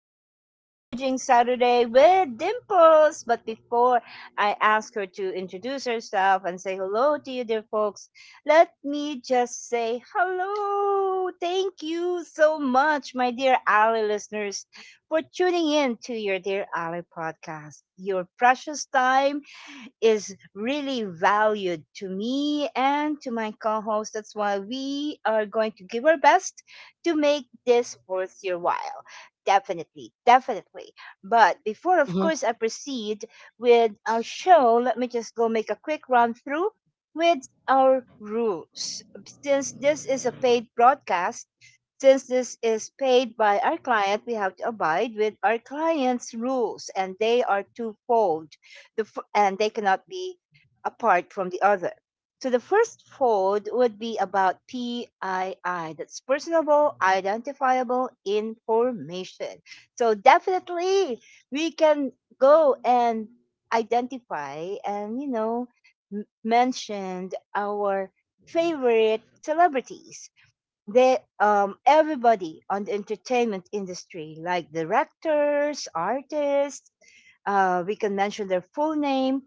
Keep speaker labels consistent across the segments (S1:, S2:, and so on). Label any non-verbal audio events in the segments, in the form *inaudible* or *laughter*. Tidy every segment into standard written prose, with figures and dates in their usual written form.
S1: of Salvaging Saturday with Dimples. But before I ask her to introduce herself and say hello to you, dear folks, let me just say hello. Thank you so much, my dear Ali listeners, for tuning in to your Dear Ali podcast. Your precious time is really valued to me and to my co host. That's why we are going to give our best to make this worth your while. Definitely, definitely. But before, of
S2: Mhm.
S1: course, I proceed with our show, let me just go make a quick run through with our rules. Since this is a paid broadcast, since this is paid by our client, we have to abide with our client's rules, and they are twofold, and they cannot be apart from the other. So the first fold would be about PII, that's personable, identifiable information. So definitely we can go and identify and, you know, mentioned our favorite celebrities. They, everybody on the entertainment industry like directors, artists, we can mention their full name.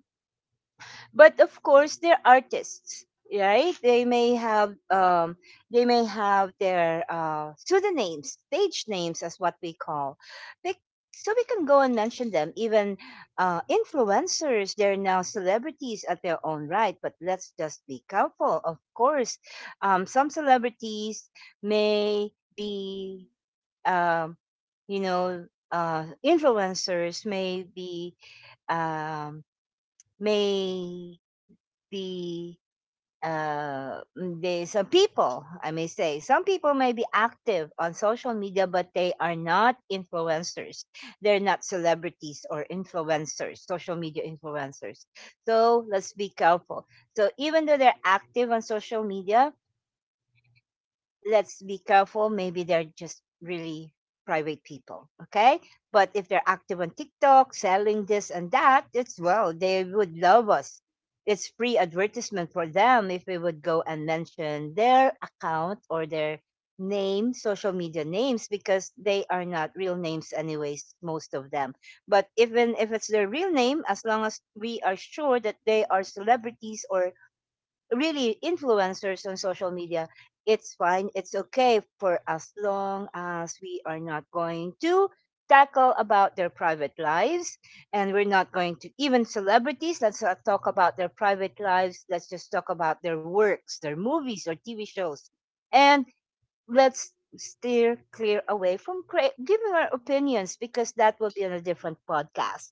S1: But of course they're artists, right? They may have. They may have their pseudonyms, stage names, as what we call they, so we can go and mention them. Even influencers, they're now celebrities at their own right, but let's just be careful. Of course, some celebrities may be, um you know influencers may be, um may the uh mm, the some people, I may say, some people may be active on social media but they are not influencers. They're not celebrities or influencers, social media influencers. So let's be careful. So even though they're active on social media, let's be careful. Maybe they're just really private people. Okay. But if they're active on TikTok, selling this and that, it's, well, they would love us. It's free advertisement for them if we would go and mention their account or their name, social media names, because they are not real names, anyways, most of them. But even if it's their real name, as long as we are sure that they are celebrities or really influencers on social media, it's fine. It's okay, for as long as we are not going to tackle about their private lives. And we're not going to, even celebrities, let's not talk about their private lives. Let's just talk about their works, their movies or TV shows. And let's steer clear away from giving our opinions, because that will be on a different podcast.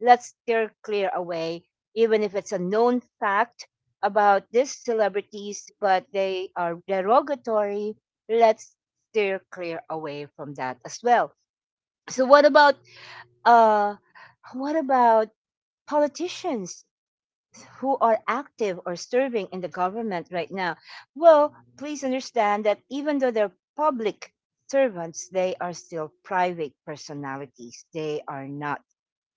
S1: Let's steer clear away, even if it's a known fact about these celebrities, but they are derogatory. Let's steer clear away from that as well. So what about, uh what about politicians who are active or serving in the government right now? Well, please understand that even though they're public servants, they are still private personalities. They are not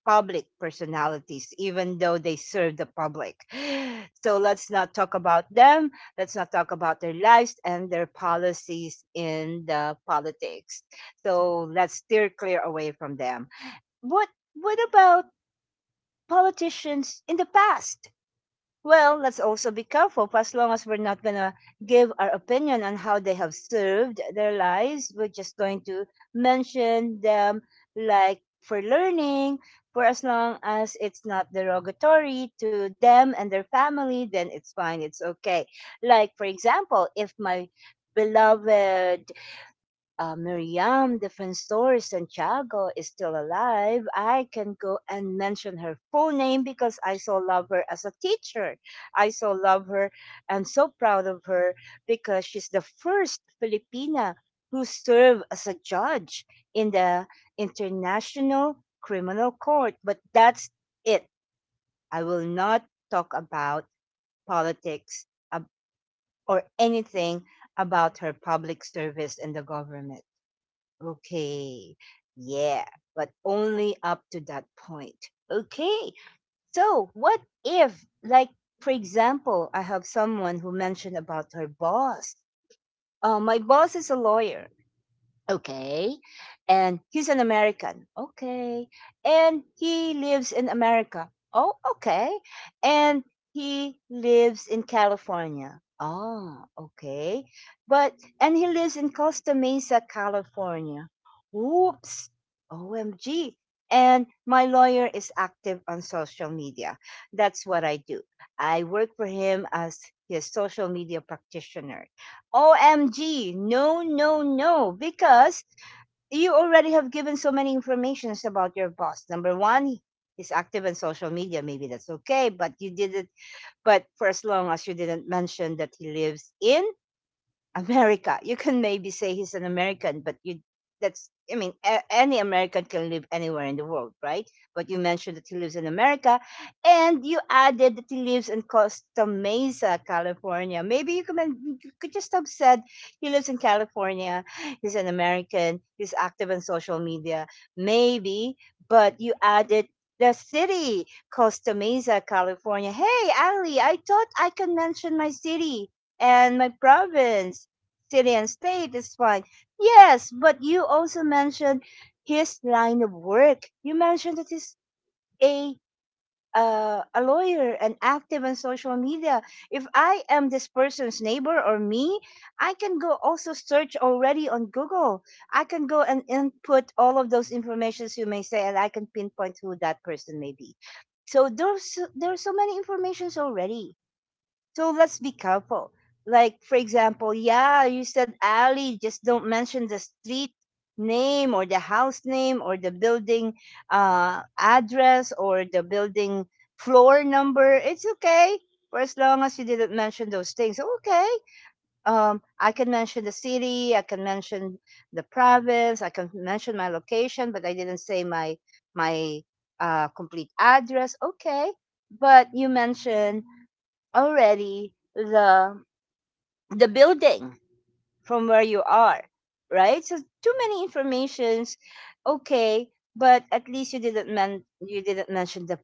S1: public personalities, even though they serve the public. *sighs* So let's not talk about them. Let's not talk about their lives and their policies in the politics. So let's steer clear away from them. What what about politicians in the past? Well, let's also be careful. For as long as we're not going to give our opinion on how they have served their lives, we're just going to mention them like for learning. For as long as it's not derogatory to them and their family, then it's fine. It's okay. Like, for example, if my beloved Miriam Defensor Santiago is still alive, I can go and mention her full name, because I so love her as a teacher. I so love her and so proud of her because she's the first Filipina who served as a judge in the International Criminal Court. But that's it. I will not talk about politics ab- or anything about her public service in the government. Okay. Yeah, but only up to that point. Okay. So, what if, like, for example, I have someone who mentioned about her boss. My boss is a lawyer. Okay. And he's an American. Okay. And he lives in America. Oh, okay. And he lives in California. Ah, okay. But, and he lives in Costa Mesa, California. Whoops. OMG. And my lawyer is active on social media. That's what I do. I work for him as his social media practitioner. OMG, no, no, no, because you already have given so many informations about your boss. Number one, he's active on social media. Maybe that's okay, but you didn't. But for as long as you didn't mention that he lives in America. You can maybe say he's an American, but you that's, I mean, any American can live anywhere in the world, right? But you mentioned that he lives in America and you added that he lives in Costa Mesa, California. Maybe you could you could just have said he lives in California, he's an American, he's active on social media, maybe, but you added the city, Costa Mesa, California. Hey, Ali, I thought I could mention my city and my province. Syrian state is fine. Yes, but you also mentioned his line of work. You mentioned that he's a a lawyer and active on social media. If I am this person's neighbor or me, I can go also search already on Google. I can go and input all of those informations, you may say, and I can pinpoint who that person may be. So there are so many informations already, so let's be careful. Like, for example, yeah, you said alley, just don't mention the street name or the house name or the building address, or the building floor number. It's okay for as long as you didn't mention those things. Okay. I can mention the city, I can mention the province, I can mention my location, but I didn't say my complete address. Okay. But you mentioned already the building from where you are, right? So too many informations. Okay. But at least you didn't men- you didn't mention the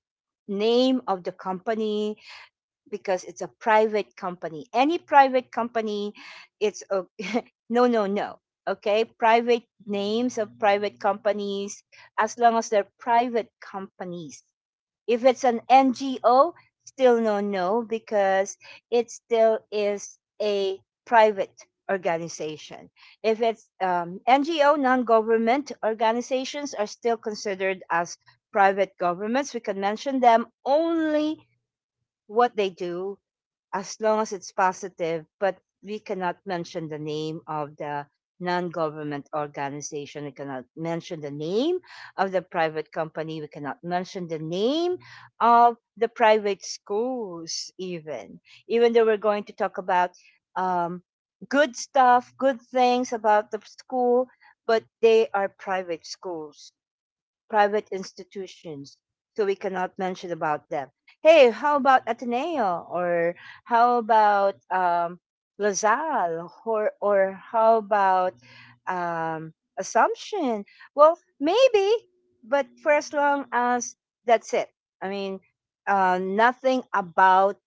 S1: name of the company, because it's a private company, any private company. It's o— *laughs* No, no, no. Okay. Private names of private companies, as long as they're private companies. If it's an NGO, still no, no, because it still is a private organization. If it's NGO, non government organizations are still considered as private governments. We can mention them only what they do, as long as it's positive, but we cannot mention the name of the non-government organization. We cannot mention the name of the private company. We cannot mention the name of the private schools, even. Even though we're going to talk about um, good stuff, good things about the school, but they are private schools, private institutions. So we cannot mention about them. Hey, how about Ateneo? Or how about, LaSalle? Or how about, Assumption? Well, maybe, but for as long as that's it. I mean, nothing about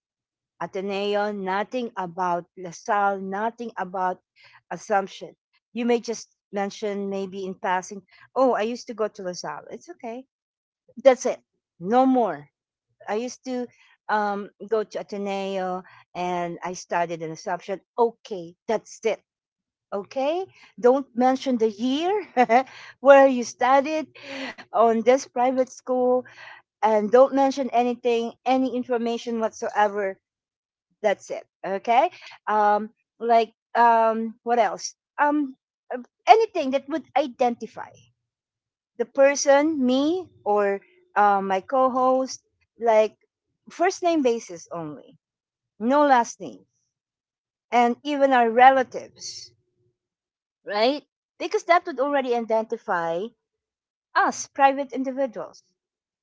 S1: Ateneo, nothing about LaSalle, nothing about Assumption. You may just mention maybe in passing, oh, I used to go to LaSalle. It's okay. That's it. No more. I used to, go to Ateneo, and I studied in Assumption. Okay, that's it. Okay, don't mention the year *laughs* where you studied on this private school, and don't mention anything, any information whatsoever. That's it. Okay. Um, what else? Uh, anything that would identify the person, me or my co-host, like first name basis only, no last name, and even our relatives, right? Because that would already identify us, private individuals.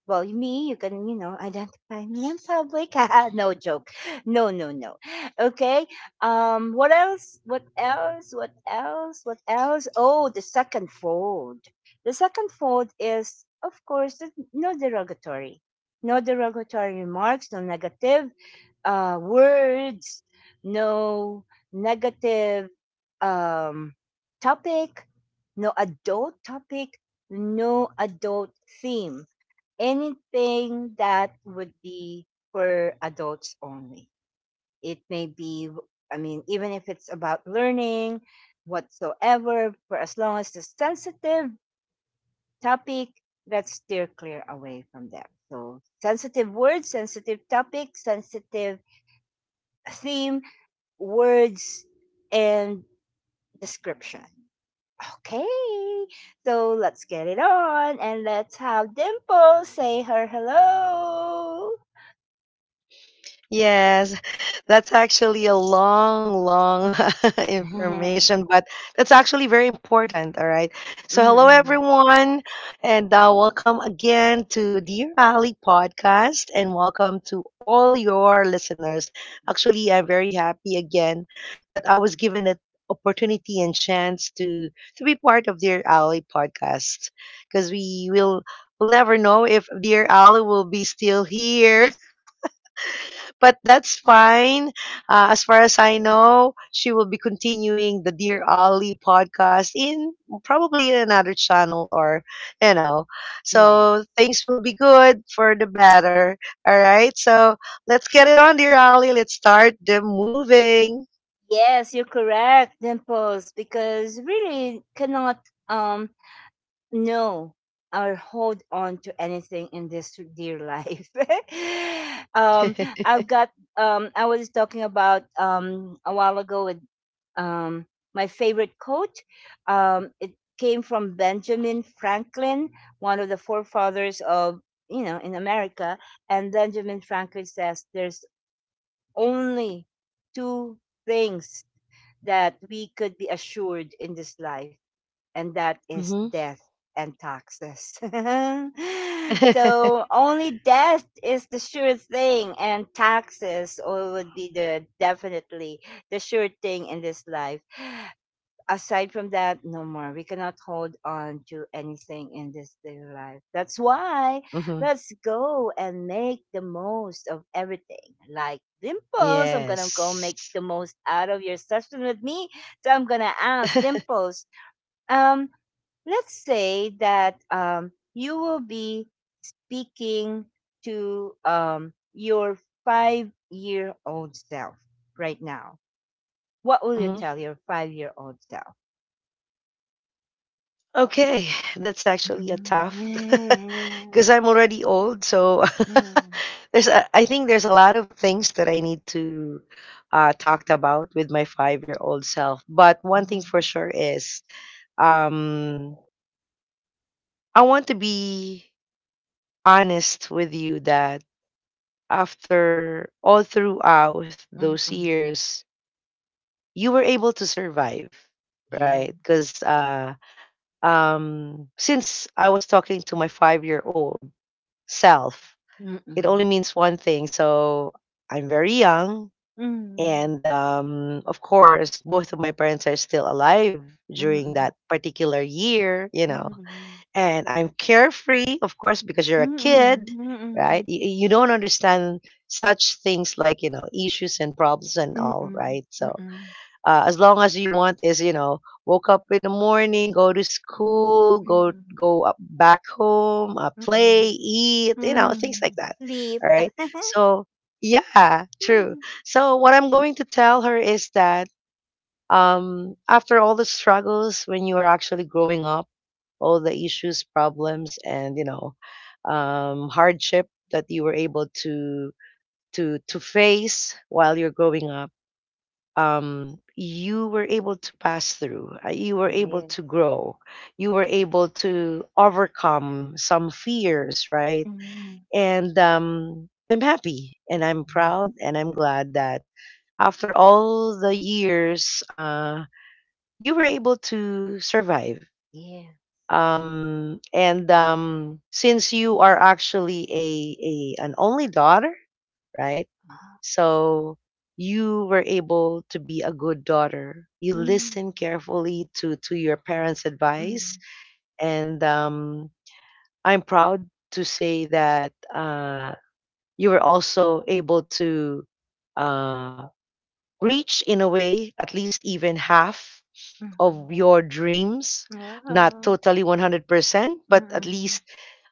S1: Well, me, you can, you know, identify me in public. *laughs* Haha, no joke. No, no, no. Okay. What else? What else? What else? What else? Oh, the second fold. The second fold is, of course, no derogatory. No derogatory remarks, no negative, words, no negative, um, topic, topic, no adult theme. Anything that would be for adults only. It may be, I mean, even if it's about learning, whatsoever, for as long as the sensitive topic, let's steer clear away from that. So, sensitive words, sensitive topic, sensitive theme, words and description. Okay, so let's get it on and let's have Dimple say her hello.
S2: Yes, *laughs* that's actually a long, long *laughs*
S1: *laughs*
S2: information, but that's actually very important. All right. So, hello,
S1: Mm.
S2: everyone, and welcome again to Dear Ali podcast, and welcome to all your listeners. Actually, I'm very happy again that I was given the opportunity and chance to be part of Dear Ali podcast because we will never know if Dear Ali will be still here, but that's fine. As far as I know, she will be continuing the Dear Ollie podcast in probably in another channel or, you know.
S1: Yeah.
S2: So things will be good for the better. All right. So let's get it on, Dear Ollie. Let's start the moving.
S1: Yes, you're correct, Dimples, because really cannot um no, I'll hold on to anything in this dear life. *laughs* um,
S2: *laughs*
S1: I've got. I was talking about a while ago with um my favorite quote. It came from Benjamin Franklin, one of the forefathers of, you know, in America. And Benjamin Franklin says, "There's only two things that we could be assured in this life." And that is
S2: hmm
S1: death and taxes. *laughs*
S2: *laughs*
S1: So only death is the sure thing, and taxes or would be, the definitely, the sure thing in this life. Aside from that, no more. We cannot hold on to anything in this dear life. That's why
S2: hmm
S1: let's go and make the most of everything. Like Dimples, I'm gonna go
S2: Yes.
S1: make
S2: *laughs*
S1: the most out of your session with me. So I'm gonna ask Dimples, um, let's say that you will be speaking to your 5-year-old self right now. What will you
S2: Mhm.
S1: tell your 5-year-old self?
S2: Okay, that's actually a tough.
S1: Mm,
S2: *laughs*
S1: mm,
S2: Because I'm already old, so *laughs*
S1: mm,
S2: there's I think there's a lot of things that I need to talked about with my 5 year old self. But one thing for
S1: mm,
S2: sure is, um, I want to be honest with you that after all throughout those
S1: mm.
S2: years, you were able to survive,
S1: Yeah.
S2: right? Because since I was talking to my 5 year old self.
S1: Mm,
S2: It only
S1: mm,
S2: means one thing. So I'm very young.
S1: mm,
S2: And of course, both of my parents are still alive
S1: mm,
S2: during
S1: mm,
S2: that particular year, you know.
S1: mm,
S2: And I'm carefree, of course, because you're
S1: mm,
S2: a kid,
S1: mm,
S2: right?
S1: mm,
S2: You don't understand such things like, you know, issues and problems and
S1: mm,
S2: all, right? So
S1: mm,
S2: as long as you want is you know woke up in the morning, go to school,
S1: mm,
S2: go up back home, play,
S1: mm,
S2: eat, you know, things like
S1: mm.
S2: that.
S1: Sleep.
S2: All right.
S1: *laughs*
S2: So yeah, true.
S1: Mm.
S2: So what I'm going to tell her is that, after all the struggles when you are actually growing up, all the issues, problems, and you know, hardship that you were able to to face while you're growing up, you were able to pass through, you were able
S1: Yes.
S2: to grow, you were able to overcome some fears, right?
S1: Mm.
S2: And I'm happy and I'm
S1: Mm,
S2: proud and I'm glad that after all the years, you were able to survive.
S1: yeah.
S2: And since you are actually a an only daughter, right?
S1: Ah.
S2: So you were able to be a good daughter. You
S1: Mm,
S2: listen carefully to your parents' advice,
S1: mm,
S2: and I'm proud to say that you were also able to uh, reach, in a way, at least even half
S1: mhm.
S2: of your dreams. Not
S1: Wow.
S2: totally 100%, but
S1: Mm,
S2: at
S1: mm,
S2: least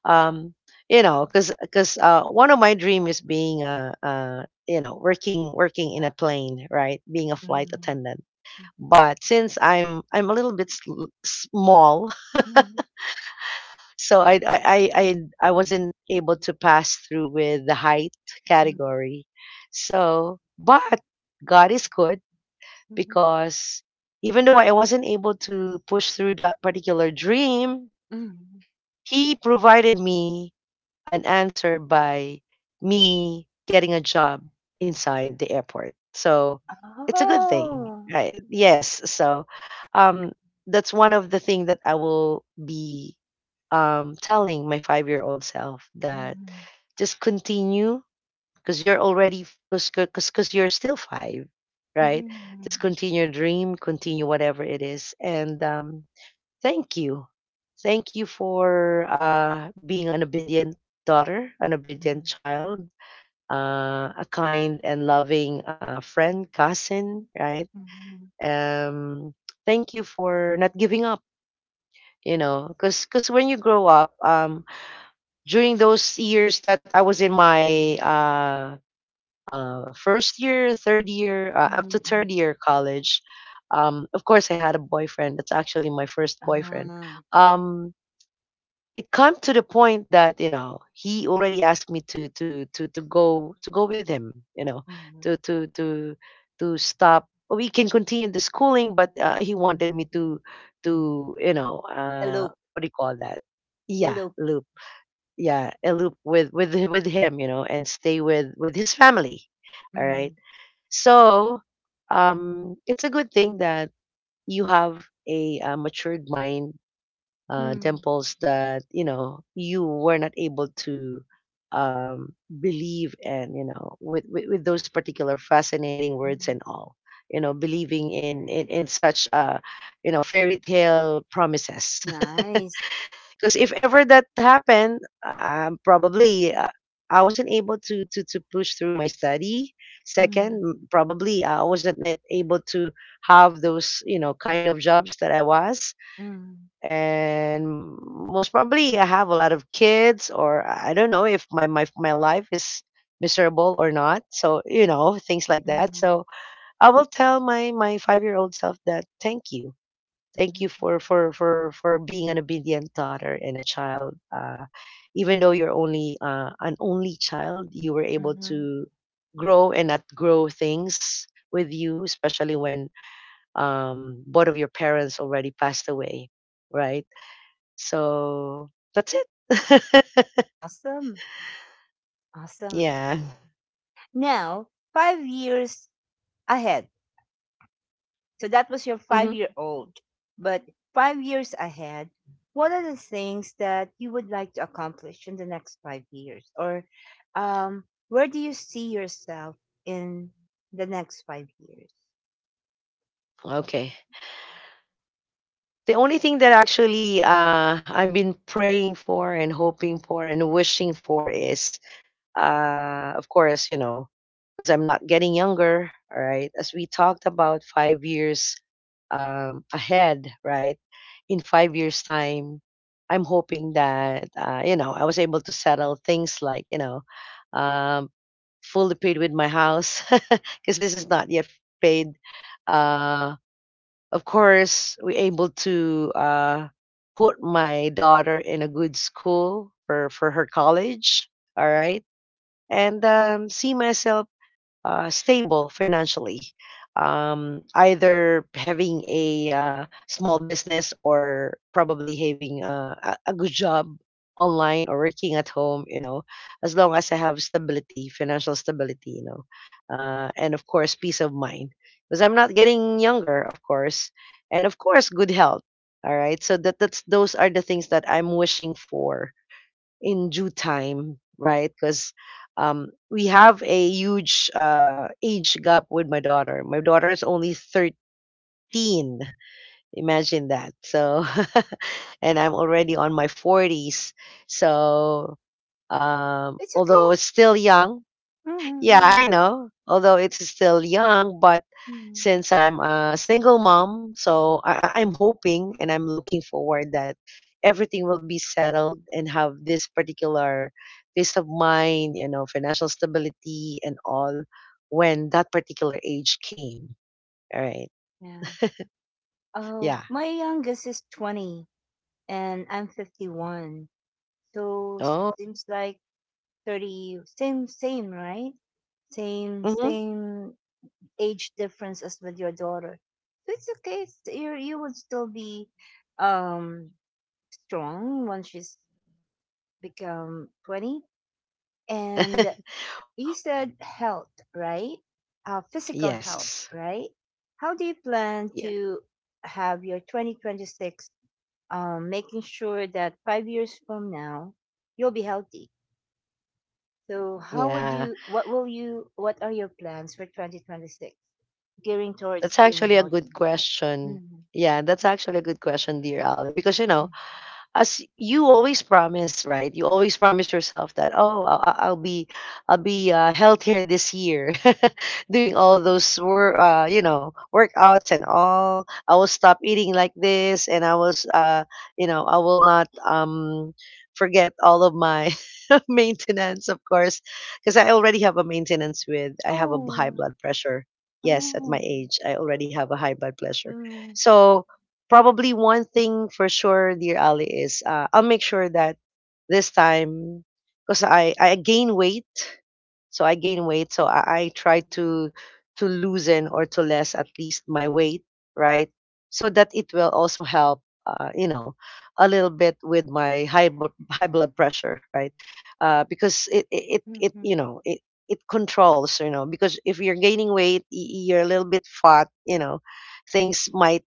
S2: um you know because one of my dream is being a you know working in a plane, right, being a flight attendant.
S1: mhm,
S2: But since I'm a little bit sl- small.
S1: mhm,
S2: *laughs* So I I wasn't able to pass through with the height
S1: mhm,
S2: category. So but god is good
S1: mhm,
S2: because even though I wasn't able to push through that particular dream,
S1: mhm.
S2: he provided me an answer by me getting a job inside the airport. So it's a good thing,
S1: Oh.
S2: right? Yes. So um, that's one of the things that I will be telling my 5 year old self that
S1: Mm.
S2: just continue because you're already because you're still five, right? Just
S1: Mhm,
S2: continue your dream, continue whatever it is, and thank you. Thank you for being an obedient daughter, an obedient
S1: mm.
S2: child, a kind and loving friend, cousin, right?
S1: Mhm,
S2: Um, thank you for not giving up, you know, because cause 'cause when you grow up, during those years that I was in my first year,
S1: mhm,
S2: third
S1: mhm.
S2: year college, of course, I had a boyfriend. That's actually my first boyfriend.
S1: Ah.
S2: Um, it come to the point that you know he already asked me to to go with him, you know,
S1: Mhm,
S2: to to stop. Well, we can continue the schooling, but he
S1: mhm.
S2: wanted me to you know
S1: Hello.
S2: what do you call that, yeah,
S1: Hello.
S2: loop, yeah, a loop with with him, you know, and stay with his family. All
S1: Mm,
S2: right. So it's a good thing that you have a, matured mind,
S1: mhm, mm.
S2: dimples, that you know you were not able to believe in, you know, with, with those particular fascinating words
S1: Mhm.
S2: and all, you know, believing in such you know fairy tale promises. *laughs*
S1: Nice.
S2: Because if ever that happened, probably I wasn't able to, to push through my study. Second
S1: Mhm,
S2: m- probably I wasn't net able to have those, you know, kind of jobs that I was,
S1: mhm,
S2: and most probably I have a lot of kids, or I don't know if my life is miserable or not. So you know things like that.
S1: mhm,
S2: So I will tell my 5 year old self that thank
S1: mhm,
S2: you for being an obedient daughter and a child. Even though you're only an only child, you were able
S1: mhm.
S2: to grow and outgrow things with you, especially when, both of your parents already passed away, right? So that's it.
S1: Awesome.
S2: *laughs*
S1: Awesome.
S2: Yeah.
S1: Now, 5 years ahead. So that was your five
S2: hmm
S1: year old. But 5 years ahead, what are the things that you would like to accomplish in the next 5 years? Or where do you see yourself in the next 5 years?
S2: Okay. The only thing that actually I've been praying for and hoping for and wishing for is, of course, you know, because I'm not getting younger, all right? As we talked about 5 years ahead, right? In 5 years' time, I'm hoping that, you know, I was able to settle things like, you know, um fully paid with my house *laughs* because this is not yet paid. Uh, of course, we able to put my daughter in a good school for her college. All right. And see myself stable financially, either having a small business or probably having a good job online or working at home, you know, as long as I have stability, financial stability, you know, and of course, peace of mind. Because I'm not getting younger, of course, and of course, good health. All right, so that's those are the things that I'm wishing for in due time, right? Because we have a huge age gap with my daughter. My daughter is only 13. Imagine that. So, *laughs* and I'm already on my 40s. So,
S1: It's okay.
S2: although it's still young,
S1: Mhm,
S2: yeah,
S1: yeah.
S2: I know. Although it's still young, but
S1: Mhm.
S2: since I'm a single mom, so I'm hoping and I'm looking forward that everything will be settled and have this particular peace of mind, you know, financial stability and all when that particular age came. All right.
S1: Yeah. Oh,
S2: Yeah.
S1: my youngest is 20 and I'm 51. So
S2: Oh.
S1: seems like 30, same, same, right? same
S2: hmm
S1: same age difference as with your daughter. So it's okay. You would still be um strong once she's become 20, and
S2: *laughs*
S1: you said health, right? Physical health,
S2: Yes.
S1: right? How do you plan
S2: Yeah.
S1: to have your 2026, making sure that 5 years from now you'll be healthy? So how would
S2: Yeah.
S1: you what will you what are your plans for 2026 gearing towards
S2: That's
S1: being
S2: actually a good
S1: healthy?
S2: question.
S1: Mhm.
S2: Yeah, that's actually a good question, dear Ali, because you know, as you always promise, right? You always promise yourself that oh, I'll be healthier this year, *laughs* doing all those wor- you know workouts and all. I will stop eating like this, and I was you know I will not forget all of my *laughs* maintenance, of course, because I already have a
S1: Like,
S2: maintenance with I have a high
S1: oh.
S2: blood pressure. Yes, at my
S1: Oh.
S2: age, I already have a high blood pressure.
S1: Mm,
S2: So probably one thing for sure, dear Ali, is I'll make sure that this time, because I gain weight, so I gain weight, so I try to loosen or to less at least my weight, right? So that it will also help, you know, a little bit with my high blo- high blood pressure, right? Because it, it it
S1: mhm,
S2: it you
S1: mm.
S2: know it controls, you know, because if you're gaining weight, y- you're a little bit fat, you know, things might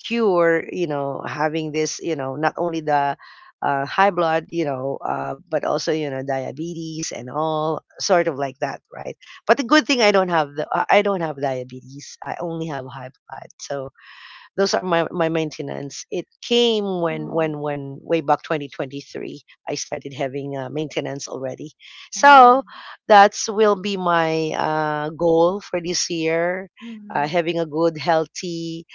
S2: cure, you know, having this, you know, not only the high blood, you know, but also you know diabetes and all sort of like that, right? But the good thing I don't have the I don't have diabetes, I only have high blood. So those are my, my maintenance. It came when
S1: Oh.
S2: way back 2023 I started having maintenance already.
S1: Oh.
S2: So that's will be my goal for this year,
S1: Mm,
S2: having a good healthy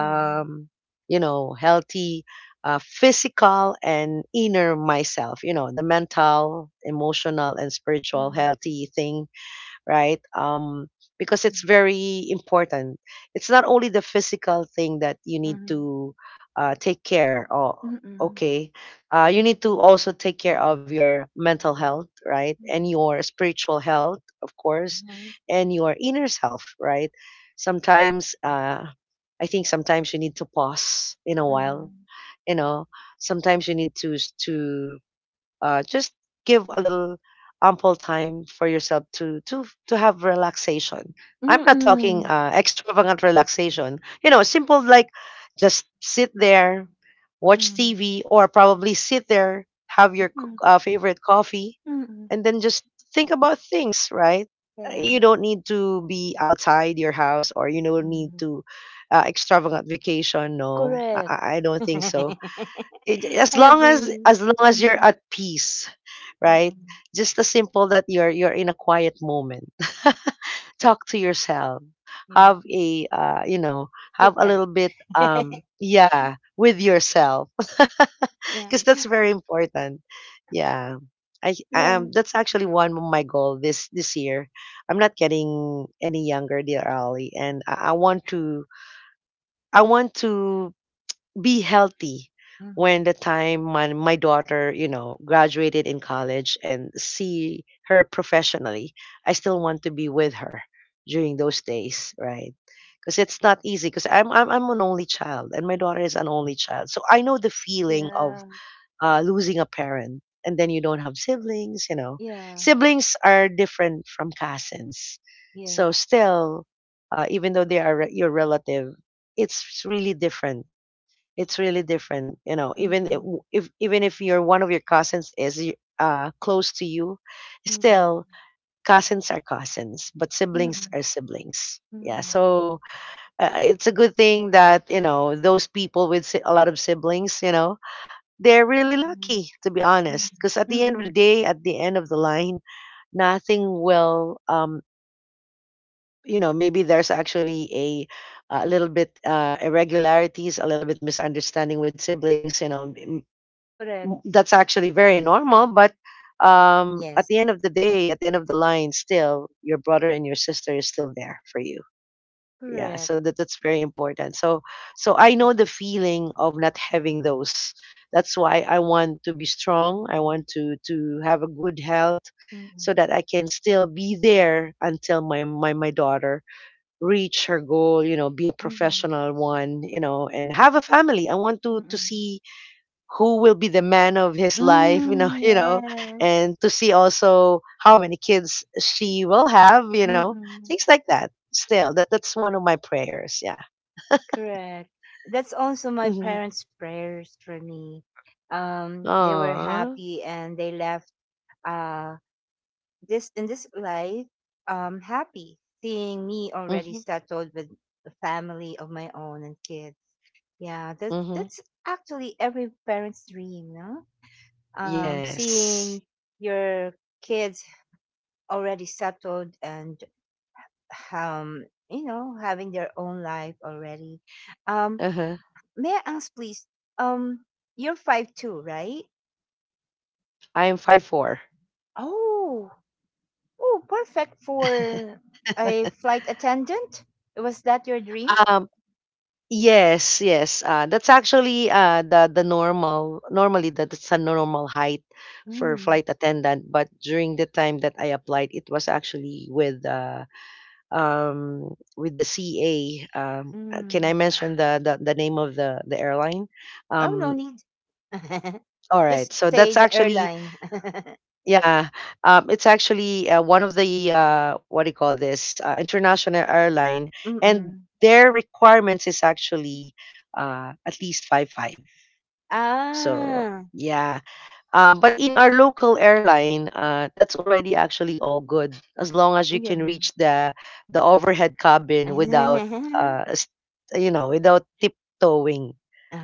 S1: mhm,
S2: you know, healthy physical and inner myself, you know, the mental, emotional, and spiritual
S1: mhm,
S2: healthy thing, right? Because it's very important. It's not only the physical thing that you
S1: mhm,
S2: need
S1: mhm,
S2: to take care of.
S1: mhm, mhm,
S2: Okay, you need to also take care of your mental health, right? And your spiritual health, of course, and your inner self, right? Sometimes I think sometimes you need to pause in a while.
S1: mhm,
S2: You know, sometimes you need to to just give a little ample time for yourself to have relaxation. I'm not talking
S1: mhm,
S2: extravagant relaxation. You know, simple like just sit there, watch
S1: mhm,
S2: TV, or probably sit there, have your
S1: mhm,
S2: favorite coffee,
S1: mhm.
S2: and then just think about things. Right?
S1: Yeah.
S2: You don't need to be outside your house, or you don't need
S1: Mhm.
S2: to extravagant vacation. No, I,
S1: Correct.
S2: I I don't think so, it,
S1: *laughs*
S2: as
S1: I
S2: long as
S1: agree.
S2: you're
S1: Mm-hmm.
S2: at peace,
S1: Mm,
S2: right,
S1: mm.
S2: just as simple that you're in a quiet moment. *laughs* Talk to
S1: Yeah.
S2: yourself,
S1: Yeah.
S2: have a uh, you know
S1: Kit
S2: have a
S1: Kat.
S2: little bit
S1: *laughs*
S2: yeah with yourself. *laughs*
S1: Yeah.
S2: Because that's very important. Yeah. I
S1: Yeah.
S2: That's actually one of my goal this year. I'm not getting any younger, dear Ali, and I want to be healthy
S1: Mm.
S2: when the time my daughter graduated in college and see her professionally. I still want to be with her during those days, right? Because it's not easy, because I'm an only child and my daughter is an only child, so I know the feeling of
S1: Yeah.
S2: losing a parent, and then you don't have siblings.
S1: Yeah.
S2: Siblings are different from cousins. So
S1: Yes.
S2: still, even though they are your relative, it's really different. It's really different, you know. Even if,
S1: Mm-hmm.
S2: if even if your one of your cousins is close to you, still
S1: Mm-hmm.
S2: cousins are cousins, but siblings
S1: Mm,
S2: are siblings. Yeah,
S1: mm,
S2: so it's a good thing that those people with a lot of siblings, they're really
S1: mm,
S2: lucky, to be
S1: mm,
S2: honest. Because at the end of the
S1: mm.
S2: day, at the end of the line, nothing will, maybe there's actually a little bit, irregularities, a little bit misunderstanding with siblings.
S1: Correct.
S2: That's actually very normal. But at
S1: Yes.
S2: the end of the day, at the end of the line, still your brother and your sister is still there for you, yeah.
S1: Correct.
S2: So that's very important. So I know the feeling of not having those. That's why I want to be strong, I want to have a good health
S1: Mm,
S2: so that I can still be there until my daughter reach her goal, be a
S1: mm,
S2: professional one, and have a family. I want to
S1: mm.
S2: see who will be the man of his life,
S1: Mm,
S2: *laughs*
S1: yes.
S2: and to see also how many kids she will have,
S1: Mm,
S2: things like that. Still, that's one of my prayers. Yeah.
S1: correct. That's also my
S2: Mm-hmm.
S1: parents' prayers for me. They were
S2: Aww.
S1: happy and they left uh this in this life, happy seeing me already
S2: Mm-hmm.
S1: settled with a family of my own and kids. Yeah, that's
S2: Mm-hmm.
S1: that's actually every parent's dream, no? Seeing
S2: Yes.
S1: your kids already settled and, um, you know, having their own life already. Um,
S2: Uh-huh.
S1: may I ask, please? Um, you're 5'2", right?
S2: I am 5'4".
S1: Oh. Oh, perfect for a
S2: *laughs*
S1: flight attendant. Was that your dream?
S2: Um, yes, yes. That's actually the normally that's a normal height for
S1: Mm,
S2: flight attendant, but during the time that I applied, it was actually with the CA. Can I
S1: mm.
S2: mention the name of the airline?
S1: Oh,
S2: Um,
S1: no need. *laughs*
S2: all right.
S1: Just
S2: So
S1: say
S2: that's
S1: the
S2: actually,
S1: airline. *laughs*
S2: yeah, it's actually one of the, what do you call this, international airline. And
S1: Mm-mm.
S2: their requirements is actually at least 5'5". So,
S1: Ah.
S2: yeah. But in our local airline, that's already actually all good, as long as you
S1: Yeah.
S2: can reach the overhead cabin without
S1: *laughs*
S2: uh, s- without tiptoeing,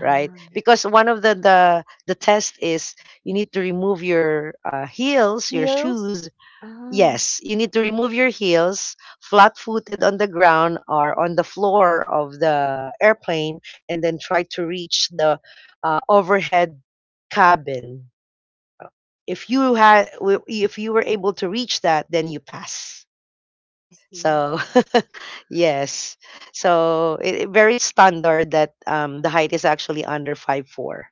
S2: right? Because one of the test is you need to remove your heels, your
S1: Heels?
S2: shoes.
S1: Ah,
S2: Yes, you need to remove your heels, flat-footed on the ground or on the floor of the airplane, and then try to reach the overhead cabin. If you were able to reach that, then you pass,
S1: I see.
S2: so *laughs* yes. So very standard that the height is actually under 5'4".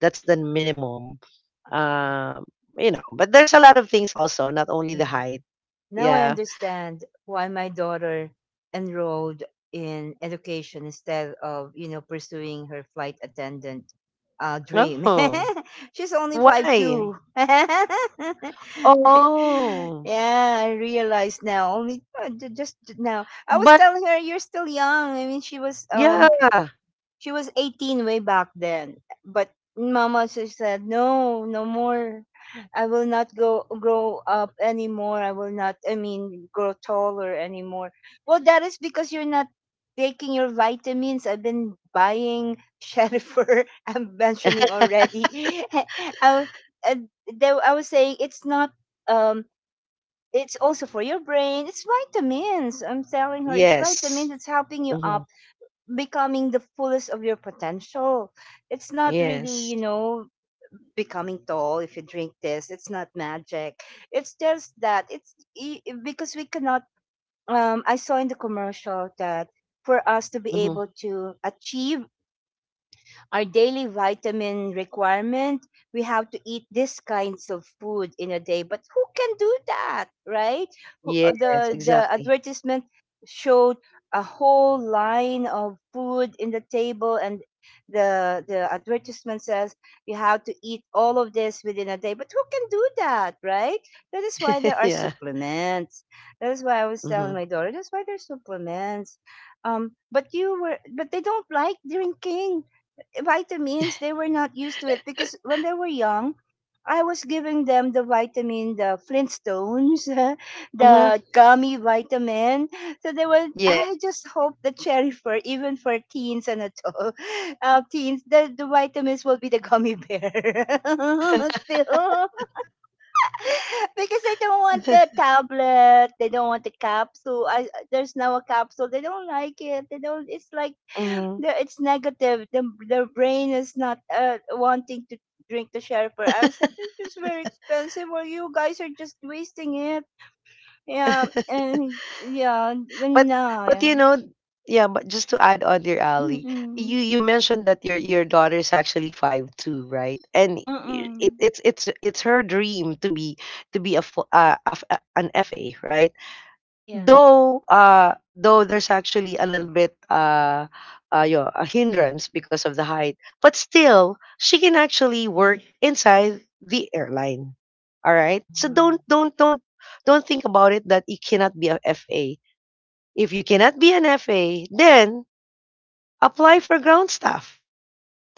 S2: That's the
S1: Ah,
S2: minimum.
S1: I see.
S2: um, but there's a lot of things also, not only the
S1: Yeah.
S2: height.
S1: Now I
S2: Yeah.
S1: understand why my daughter enrolled in education instead of, you know, pursuing her flight attendant dream.
S2: Oh.
S1: *laughs* She's only five
S2: Why?
S1: two. *laughs*
S2: Oh.
S1: Yeah, I realize now. Only just now. I was
S2: But
S1: telling her you're still young. I mean, she was um
S2: yeah.
S1: She was 18-way back then, but mama just said, "No, no more. I will not go grow up anymore. I will not. I mean, grow taller anymore." Well, that is because you're not taking your vitamins. I've been buying Sherifer. *laughs* I'm mentioning already. *laughs* I, wa- uh, there, I was saying it's not. Um, it's also for your brain. It's vitamins. I'm telling her it's
S2: Yes.
S1: vitamins. It's helping you
S2: Hmm.
S1: up becoming the fullest of your potential. It's not really,
S2: Yes.
S1: you know, becoming tall if you drink this. It's not magic. It's just that because we cannot. I saw in the commercial that for us to be
S2: Hmm.
S1: able to achieve our daily vitamin requirement, we have to eat these kinds of food in a day. But who can do that, right? Who- uh,
S2: Yes,
S1: The, the
S2: exactly.
S1: advertisement showed a whole line of food in the table, and the advertisement says you have to eat all of this within a day. But who can do that, right? That is why
S2: *laughs*
S1: there are
S2: Yeah.
S1: supplements. That is why I was
S2: Hmm.
S1: telling my daughter that's why there's supplements. Um but you were but they don't like drinking vitamins. They were not used to it because when they were young, I was giving them the vitamin, the Flintstones. *laughs*
S2: Hmm.
S1: The gummy vitamin. So they were,
S2: Yeah.
S1: I just hope the cherry for even for teens and adult. *laughs* Teens, the vitamins will be the gummy bear. *laughs* Still, *laughs* because they don't want the tablet, they don't want the capsule. There's now a capsule, they don't like it, they don't. It's like,
S2: Hmm.
S1: it's negative. The brain is not wanting to drink the sherry per hour. I said it's just very expensive, or you guys are just wasting it. Yeah, and yeah, and
S2: But
S1: no,
S2: but
S1: yeah.
S2: yeah. But just to add on, dear Ali, you
S1: Mm-mm.
S2: you mentioned that your daughter is actually 5'2", right? And it
S1: Mm-mm.
S2: it's her dream to be, a, fu- a f- a- an FA, right?
S1: Yeah.
S2: Though there's actually a little bit, a hindrance because of the height, but still she can actually work inside the airline. All right. So
S1: Mhm.
S2: don't think about it, that you cannot be a FA. If you cannot be an FA, then apply for ground staff.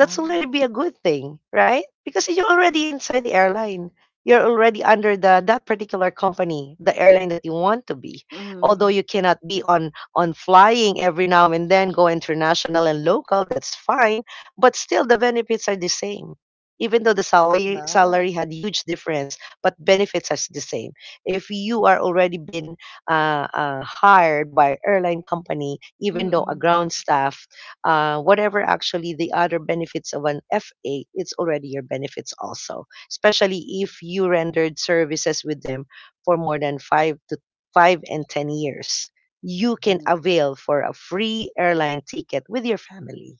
S2: That's already be a good thing, right? Because you're already inside the airline. You're already under the that particular company, the airline that you want to be. Although
S1: Mm.
S2: you cannot be on flying every now and then, go international and local, that's fine. But still the benefits are the same. Even though the salary
S1: Ah.
S2: salary had huge difference, but benefits are the same. If you are already been hired by airline company, even though a
S1: Mm-mm.
S2: ground staff, whatever actually the other benefits of an FA, it's already your benefits also, especially if you rendered services with them for more than five to five and 10 years. You can
S1: Mhm.
S2: avail for a free airline ticket with your family.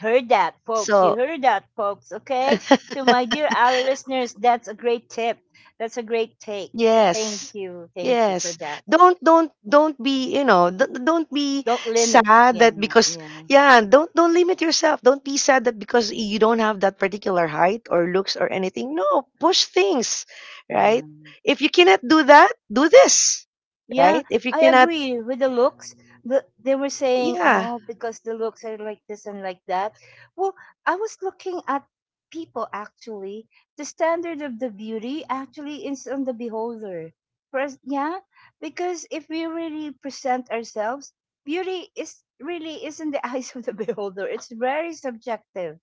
S1: Heard that, folks. You
S2: So,
S1: heard that, folks. Okay. To my dear,
S2: *laughs*
S1: our listeners, that's a great tip. That's a great take.
S2: yes.
S1: Thank you. Thank you for
S2: Yes.
S1: that.
S2: Don't be, don't be
S1: Don't limit.
S2: sad
S1: Yeah.
S2: that because
S1: Yeah.
S2: yeah, don't limit yourself. Don't be sad that because you don't have that particular height or looks or anything. No, push things, right?
S1: Yeah.
S2: If you cannot do that, do this,
S1: Yeah,
S2: right? If you
S1: I
S2: cannot,
S1: agree with the looks. They were saying,
S2: yeah.
S1: oh, because the looks are like this and like that. Well, I was looking at people actually. The standard of the beauty actually is on the beholder. For us— yeah, because if we really present ourselves, beauty is really is in the *laughs* eyes of the beholder. It's very subjective.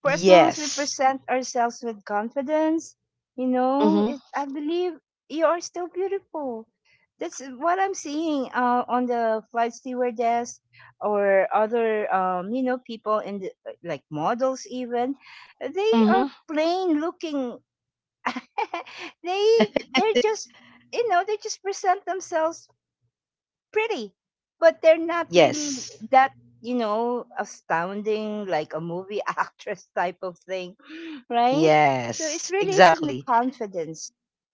S1: For as long as we
S2: Yes.
S1: present ourselves with confidence, you know, it,
S2: Mhm.
S1: I believe you are still beautiful. That's what I'm seeing on the flight stewardess or other, you know, people in the, like models even. They are
S2: Mhm.
S1: plain looking. *laughs* they they're just,
S2: *laughs*
S1: you know, they just present themselves pretty, but they're not really
S2: Yes.
S1: that, you know, astounding like a movie *laughs* actress type of thing, right? So it's
S2: Yes.
S1: really isn't the
S2: Exactly.
S1: confidence,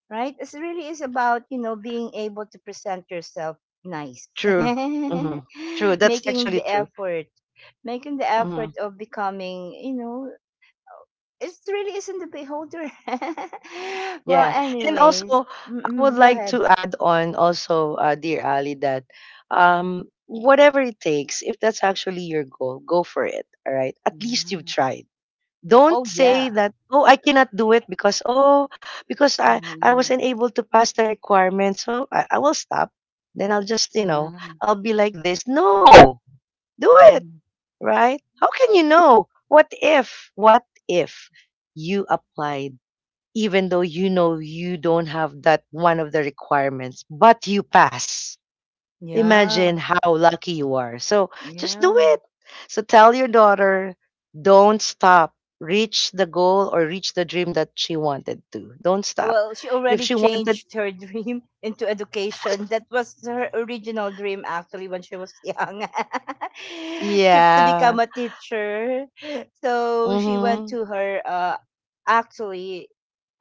S1: right? It's really is about, you know, being able to present yourself nice. *laughs*
S2: True. Mhm. True. That's
S1: Making the
S2: actually true.
S1: effort, making the effort
S2: Mhm.
S1: of becoming, you know, it really isn't the beholder. *laughs* Well,
S2: Yeah. And
S1: anyways,
S2: also, I
S1: mm-mm,
S2: would
S1: go
S2: like
S1: ahead.
S2: to add on also, dear Ali, that whatever it takes, if that's actually your goal, go for it. All right. At least you've
S1: Yeah.
S2: tried. Don't
S1: Oh, yeah.
S2: say that, oh, I cannot do it because, oh, because I
S1: Uh,
S2: wasn't able to pass the requirement. So I will stop. Then I'll just,
S1: uh,
S2: I'll be like this. No, do it.
S1: mm,
S2: Right. How can you know? What if you apply even though you know you don't have that one of the requirements, but you pass. Imagine
S1: yeah.
S2: how lucky you are. So just do
S1: Yeah.
S2: it. So tell your daughter, don't stop. Reach the goal or reach the dream that she wanted to. Don't stop.
S1: Well, she
S2: If
S1: already
S2: she wanted,
S1: changed her *laughs* dream into education. That was her original dream, actually, when she was young. *laughs* She, to become
S2: yeah.
S1: a teacher. So she went
S2: Mm-hmm.
S1: to her, actually,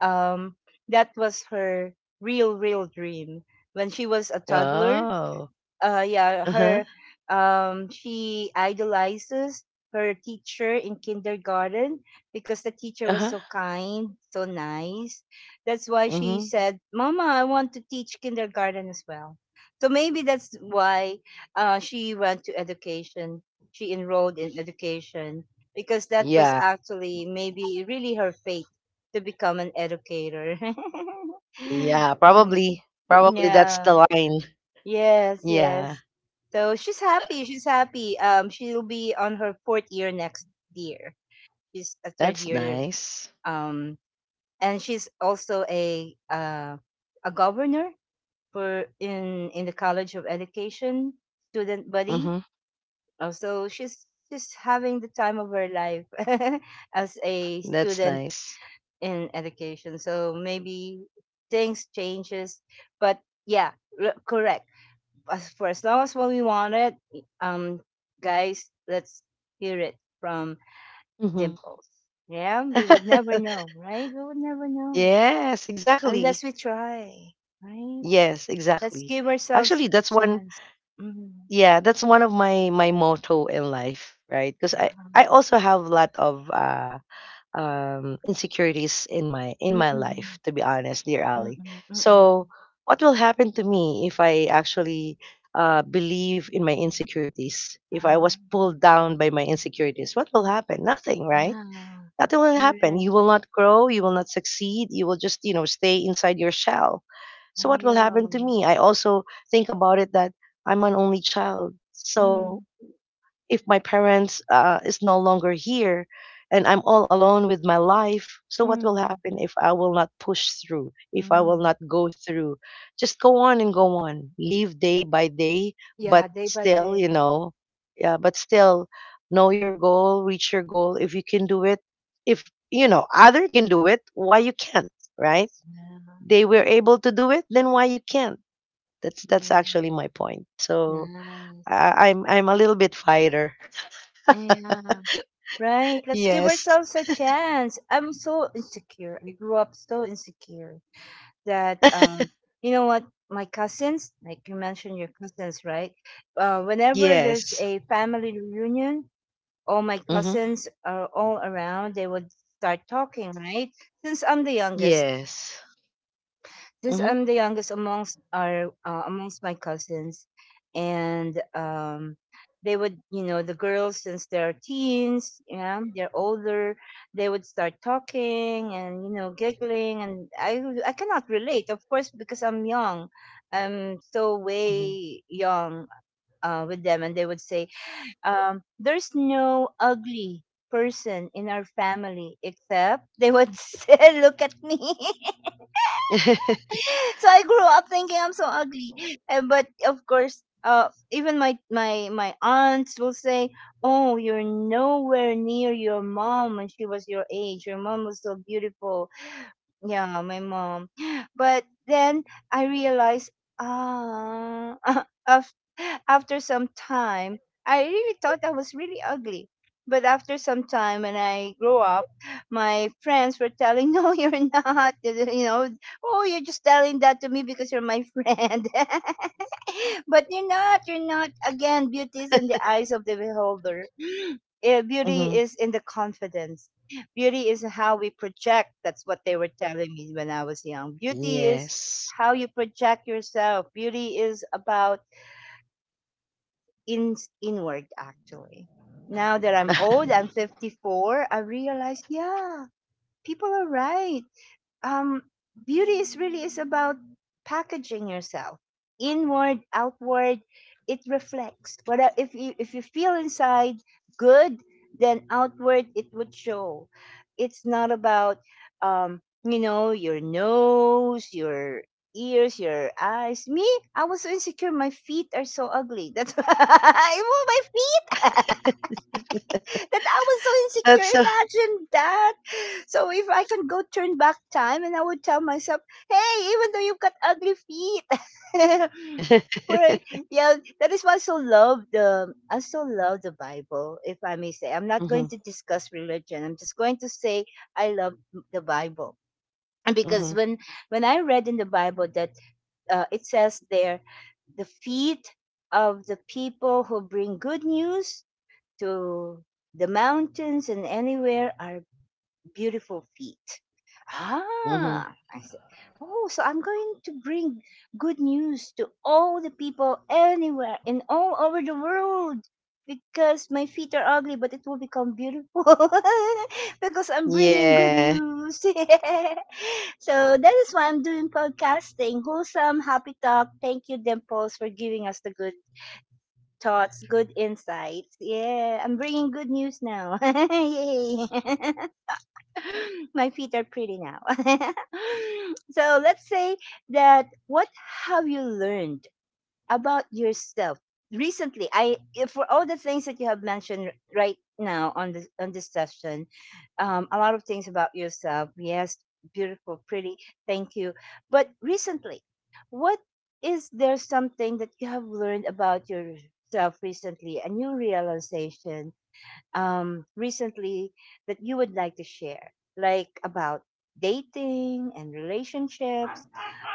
S1: um, that was her real, real dream. When she was a toddler,
S2: Oh.
S1: yeah,
S2: Uh-huh.
S1: her, she idolizes her teacher in kindergarten because the teacher was
S2: Uh-huh.
S1: so kind, so nice. That's why she
S2: Mm-hmm.
S1: said, "Mama, I want to teach kindergarten as well." So maybe that's why she went to education. She enrolled in education because that was
S2: Yeah.
S1: actually maybe really her fate to become an educator.
S2: Yeah. Probably.
S1: *laughs*
S2: Probably that's
S1: Yeah.
S2: the line.
S1: Yes,
S2: Yeah.
S1: yes. So she's happy. She's happy. She'll be on her fourth year next year. She's a third
S2: That's
S1: year.
S2: nice.
S1: Um, and she's also a governor for in the College of Education student body.
S2: Mm-hmm.
S1: So she's just having the time of her life *laughs* as a
S2: That's
S1: student
S2: nice.
S1: in education. So maybe things changes, but yeah, correct. As for as long as what we wanted, um, guys, let's hear it from
S2: Hmm.
S1: Dimples. Yeah, we would never
S2: *laughs*
S1: know, right? We would never know
S2: Yes, exactly.
S1: unless we try, right?
S2: Yes,
S1: Let's
S2: exactly.
S1: give ourselves
S2: Actually,
S1: the chance. Mm-mm,
S2: yeah, that's one of my motto in life, right? Because I also have a lot of insecurities in my
S1: mm-mm,
S2: life, to be honest, dear Ali.
S1: mm-mm, mm-mm.
S2: So, what will happen to me if I actually believe in my insecurities? If I was
S1: Ah.
S2: pulled down by my insecurities, what will happen? Nothing, right?
S1: Yeah.
S2: Nothing will happen.
S1: Correct.
S2: You will not grow, you will not succeed, you will just, stay inside your shell. So
S1: Ah.
S2: what will
S1: Yeah.
S2: happen to me? I also think about it that I'm an only child. So
S1: Mm,
S2: if my parents is no longer here, and I'm all alone with my life, so what will
S1: mm,
S2: happen if I will not push through, if I will
S1: mm.
S2: not go through? Just go on and go on, live day by day, but
S1: Yeah, day by
S2: still
S1: day.
S2: you know yeah but still know your goal. Reach your goal, if you can do it, if you know other can do it, why you can't, right?
S1: Yeah.
S2: They were able to do it, then why you can't? That's
S1: Yeah.
S2: actually my point. So
S1: Nice.
S2: I'm a little bit fighter.
S1: Yeah. Right.
S2: *laughs*
S1: Let's give
S2: Yes.
S1: ourselves a chance. I'm so insecure. I grew up so insecure that, you know what? My cousins, like you mentioned, your cousins, right? Whenever there's
S2: Yes.
S1: a family reunion, all my
S2: Mhm.
S1: cousins are all around. They would start talking, right? Since I'm the youngest,
S2: Yes.
S1: since
S2: Mhm.
S1: I'm the youngest amongst our amongst my cousins, and, they would, you know, the girls, since they're teens, yeah, they're older, they would start talking and, you know, giggling, and I cannot relate, of course, because I'm young, I'm so
S2: Mhm.
S1: way young with them, and they would say, "There's no ugly person in our family," except they would *laughs* say, look at me. *laughs* So I grew up thinking I'm so ugly. And but of course, even my aunts will say, "Oh, you're nowhere near your mom when she was your age. Your mom was so beautiful." Yeah, my mom. *sighs* But then I realized, ah, *laughs* af after some time, I really thought I was really ugly. But after some time, when I grew up, my friends were telling, *laughs* "No, you're not." *laughs* You know, oh, you're just telling that to me because you're my friend. *laughs* *laughs* But you're not, you're not. Again, beauty is in the eyes of the beholder. *gasps* Eh, beauty
S2: Mhm. *laughs*
S1: is in the confidence. Beauty is how we project. That's what they were telling me when I was young. Beauty is
S2: Yes.
S1: how you project yourself. Beauty is about in inward, actually. Now that I'm old, I'm
S2: *laughs*
S1: 54, I realize, yeah, people are right. Um, beauty is really is about packaging yourself, inward, outward. It reflects, what, if you feel inside good, then outward it would show. It's not about, your nose, your ears, your eyes. Me, I was so insecure. My feet are so ugly, that's *laughs* why I move my feet. *laughs* That I was so
S2: That's
S1: insecure.
S2: so.
S1: Imagine that. So if I can go turn back time and I would tell myself, hey, even though you've got ugly feet, *laughs* but
S2: *laughs*
S1: yeah, that is why I so love the Bible, if I may say. I'm not going
S2: Mhm.
S1: to discuss religion. I'm just going to say I love the Bible. And because
S2: Mhm.
S1: when I read in the Bible that it says there the feet of the people who bring good news to the mountains and anywhere are beautiful feet.
S2: Mhm.
S1: Ah, I said, oh, so I'm going to bring good news to all the people anywhere and all over the world because my feet are ugly, but it will become beautiful *laughs* because I'm bringing good
S2: Yeah.
S1: news. *laughs* So that is why I'm doing podcasting. Wholesome, happy talk. Thank you, Dimples, for giving us the good thoughts, good insights. Yeah, I'm bringing good news now. *laughs* Yay! *laughs* My feet are pretty now. *laughs* So let's say that, what have you learned about yourself recently? I, for all the things that you have mentioned right now on this session, a lot of things about yourself, yes, beautiful, pretty, thank you. But recently, what, is there something that you have learned about yourself recently, a new realization, recently, that you would like to share, like about dating and relationships,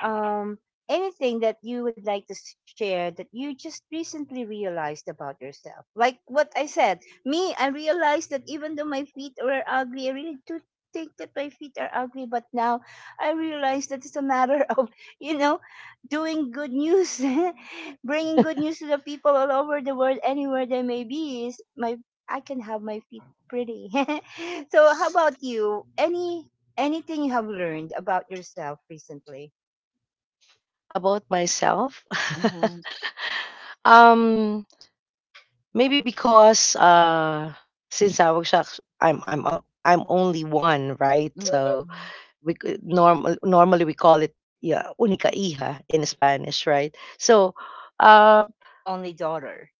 S1: um, anything that you would like to share that you just recently realized about yourself. Like what I said, me, I realized that even though my feet were ugly, I really do think that my feet are ugly, but now I realize that it's a matter *laughs* of, you know, doing good news, *laughs* bringing good news to the people all over the world, anywhere they may be, is my I can have my feet pretty. *laughs* So how about you? Anything you have learned about yourself recently?
S2: About myself?
S1: Mm-hmm.
S2: *laughs* Um, Maybe because, since I was actu I'm only one, right? So
S1: Mm-hmm.
S2: we could normal normally we call it, yeah, única hija in Spanish, right? So, um
S1: Only daughter.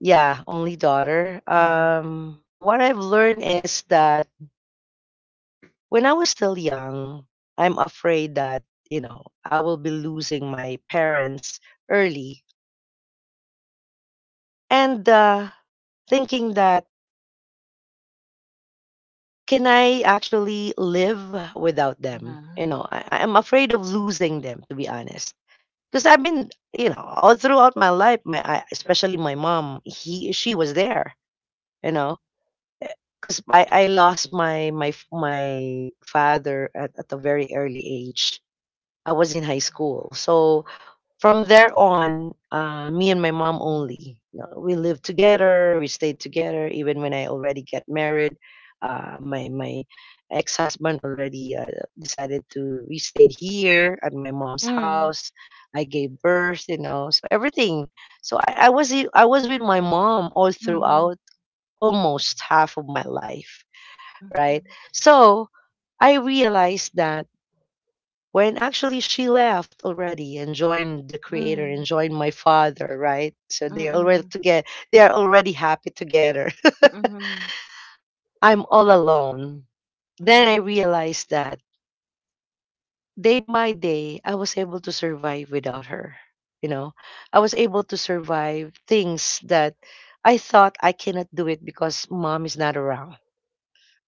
S2: yeah, only daughter.
S1: Mm-hmm.
S2: What I've learned is that when I was still young, I'm afraid that, I will be losing my parents early, and thinking that, can I actually live without them? I'm afraid of losing them, to be honest. Because I've been, all throughout my life, especially my mom, he she was there. You know, because I lost my father at a very early age. I was in high school, so from there on, me and my mom only. We lived together, we stayed together, even when I already get married. My ex husband already decided to we stayed here at my mom's
S1: Mm-hmm.
S2: house. I gave birth, so everything. So I was with my mom all
S1: Mm-hmm.
S2: throughout almost half of my life, right?
S1: Mm-hmm.
S2: So I realized that when actually she left already, and joined the creator,
S1: Mm-hmm.
S2: and joined my father, right? So they already
S1: Mm-hmm.
S2: together. They are already happy together.
S1: Mm-hmm.
S2: *laughs* I'm all alone. Then I realized that day by day, I was able to survive without her. You know, I was able to survive things that I thought I cannot do it because mom is not around,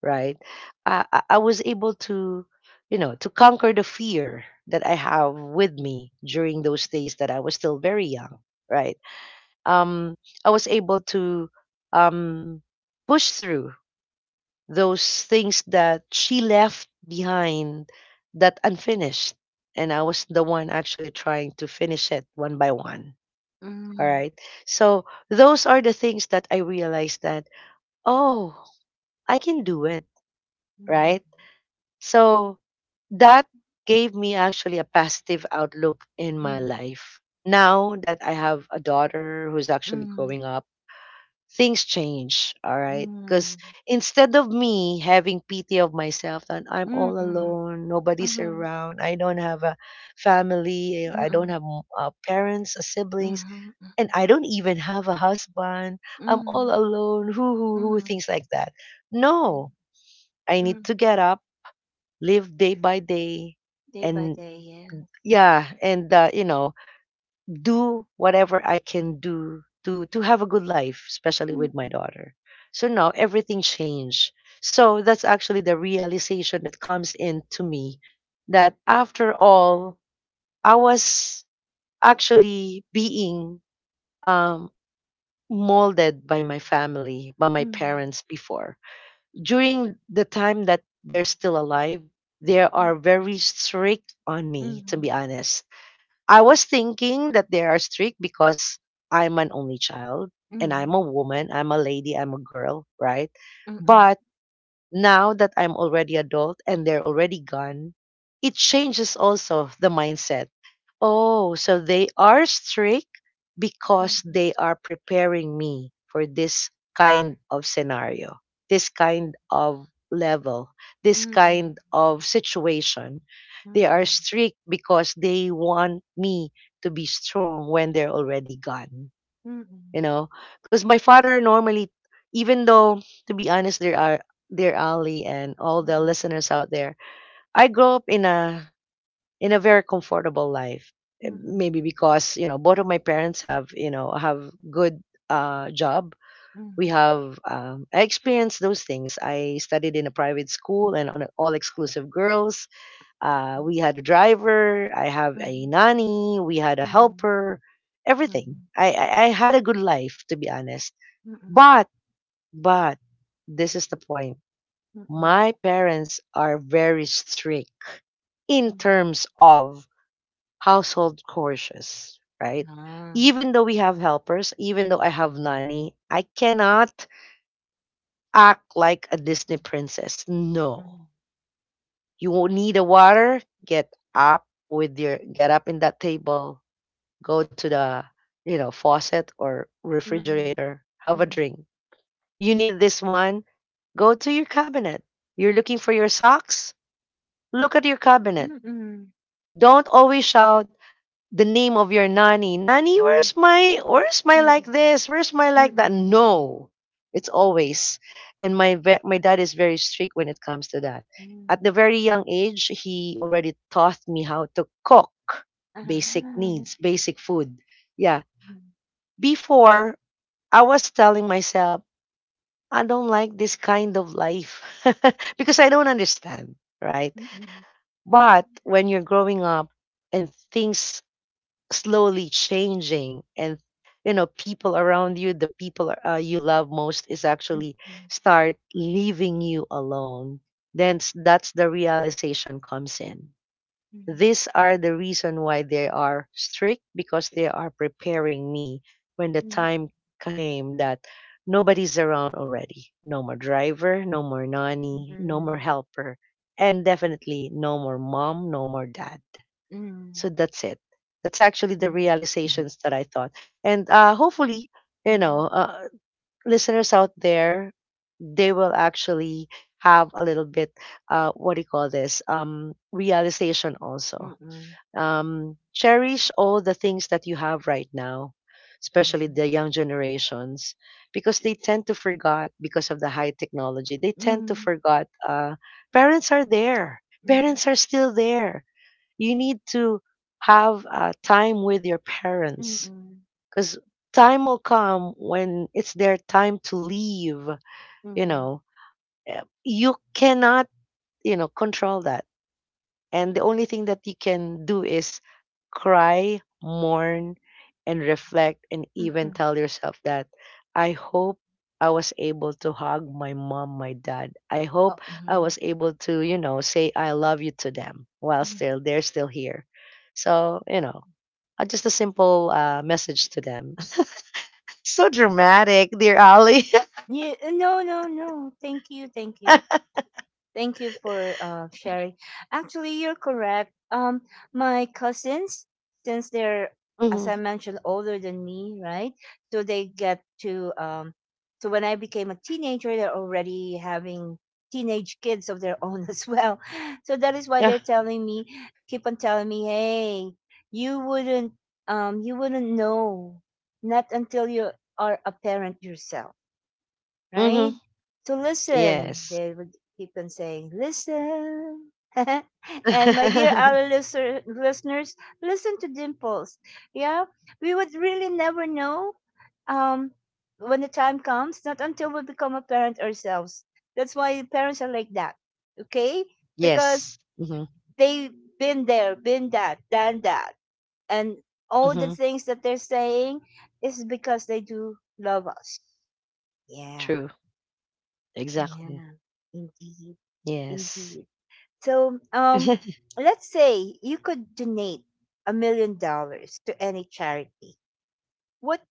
S2: right? I was able to, to conquer the fear that I have with me during those days that I was still very young, right? Um, I was able to um, push through those things that she left behind that unfinished. And I was the one actually trying to finish it one by one. All
S1: Mm-hmm.
S2: right. So those are the things that I realized that, oh, I can do it. Right. So that gave me actually a positive outlook in my
S1: Mm-hmm.
S2: life. Now that I have a daughter who's actually
S1: Mm-hmm.
S2: growing up, things change, all right? Because instead of me having pity of myself that I'm all
S1: Mm-hmm.
S2: alone, nobody's
S1: Mm-hmm.
S2: around, I don't have a family, I don't
S1: Mm-hmm.
S2: have parents, siblings,
S1: Mm-hmm.
S2: and
S1: Mm-hmm.
S2: I don't even have a husband, I'm all alone, hoo hoo hoo,
S1: Hmm.
S2: things like that. No, I need
S1: Hmm.
S2: to get up, live day by day,
S1: Day by
S2: and
S1: day, yeah.
S2: yeah, and do whatever I can do to have a good life, especially with my daughter. So now everything changed, so that's actually the realization that comes in to me, that after all, I was actually being um molded by my family, by my parents before. During the time that they're still alive, they are very strict on me, to be honest. I was thinking that they are strict because I'm an only child, and I'm a woman, I'm a lady, I'm a girl, right? But now that I'm already adult and they're already gone, it changes also the mindset. Oh, so they are strict because they are preparing me for this kind of scenario, this kind of level, this kind of situation. They are strict because they want me to be strong when they're already gone, you know? Because my father normally, even though, to be honest, there are, dear Ali and all the listeners out there, I grew up in a very comfortable life. Maybe because, both of my parents have, have good job. We have, I experienced those things, I studied in a private school and on all exclusive girls. We had a driver, I have a nanny, we had a helper, everything. I had a good life, to be honest, but but this is the point. My parents are very strict in terms of household chores, right? Even though we have helpers, even though I have nanny, I cannot act like a Disney princess. No. You won't need a water, get up in that table, go to the, faucet or refrigerator, have a drink. You need this one, go to your cabinet. You're looking for your socks? Look at your cabinet. Don't always shout the name of your nanny. Nanny, where's my like this? Where's my like that? No. It's always. And my dad is very strict when it comes to that. At the very young age, he already taught me how to cook basic needs, basic food. Yeah. Before, I was telling myself, I don't like this kind of life, *laughs* because I don't understand, right? But when you're growing up and things slowly changing, and, people around you, the people, you love most is actually start leaving you alone, then that's the realization comes in. These are the reason why they are strict, because they are preparing me when the time came that nobody's around already. No more driver, no more nanny, no more helper, and definitely no more mom, no more dad. So that's it. That's actually the realizations that I thought. And hopefully, you know, uh, listeners out there, they will actually have a little bit, what do you call this, realization also. Cherish all the things that you have right now, especially
S1: Mhm.
S2: the young generations, because they tend to forget because of the high technology. They tend to
S1: Mhm.
S2: forget, parents are there.
S1: Hmm.
S2: Parents are still there. You need to have, time with your parents,
S1: Hmm.
S2: because time will come when it's their time to leave, you
S1: Mhm.
S2: know you cannot, control that, and the only thing that you can do is cry, mourn, and reflect, and even
S1: Mhm.
S2: tell yourself that, I hope I was able to hug my mom, my dad. I hope
S1: Oh,
S2: I
S1: mhm.
S2: was able to, say I love you to them while
S1: Mhm.
S2: still they're still here. So, just a simple message to them. *laughs* So dramatic, dear Ali.
S1: Yeah, no, no, no. Thank you, thank you. Thank you for sharing. Actually, you're correct. My cousins, since they're,
S2: *laughs*
S1: as
S2: Hmm.
S1: I mentioned, older than me, right? So they get to, so when I became a teenager, they're already having teenage kids of their own *laughs* as well. So that is why
S2: Yeah.
S1: they're telling me, keep on telling me, hey, you wouldn't, you wouldn't know, not until you are a parent yourself,
S2: Hmm.
S1: right? So listen,
S2: Yes.
S1: they would keep on saying, listen. *laughs* And my dear
S2: *laughs*
S1: other listeners, listen to Dimples. Yeah, we would really never know, um, when the time comes, not until we become a parent ourselves. That's why parents are like that, okay? Because
S2: Yes. Hmm.
S1: they've been there, been that, done that. And all the
S2: Hmm.
S1: things that they're saying is because they do love us. Yeah.
S2: True.
S1: Yeah,
S2: Exactly.
S1: indeed,
S2: Yes.
S1: indeed. So,
S2: *laughs*
S1: let's say you could donate $1 million to any charity. What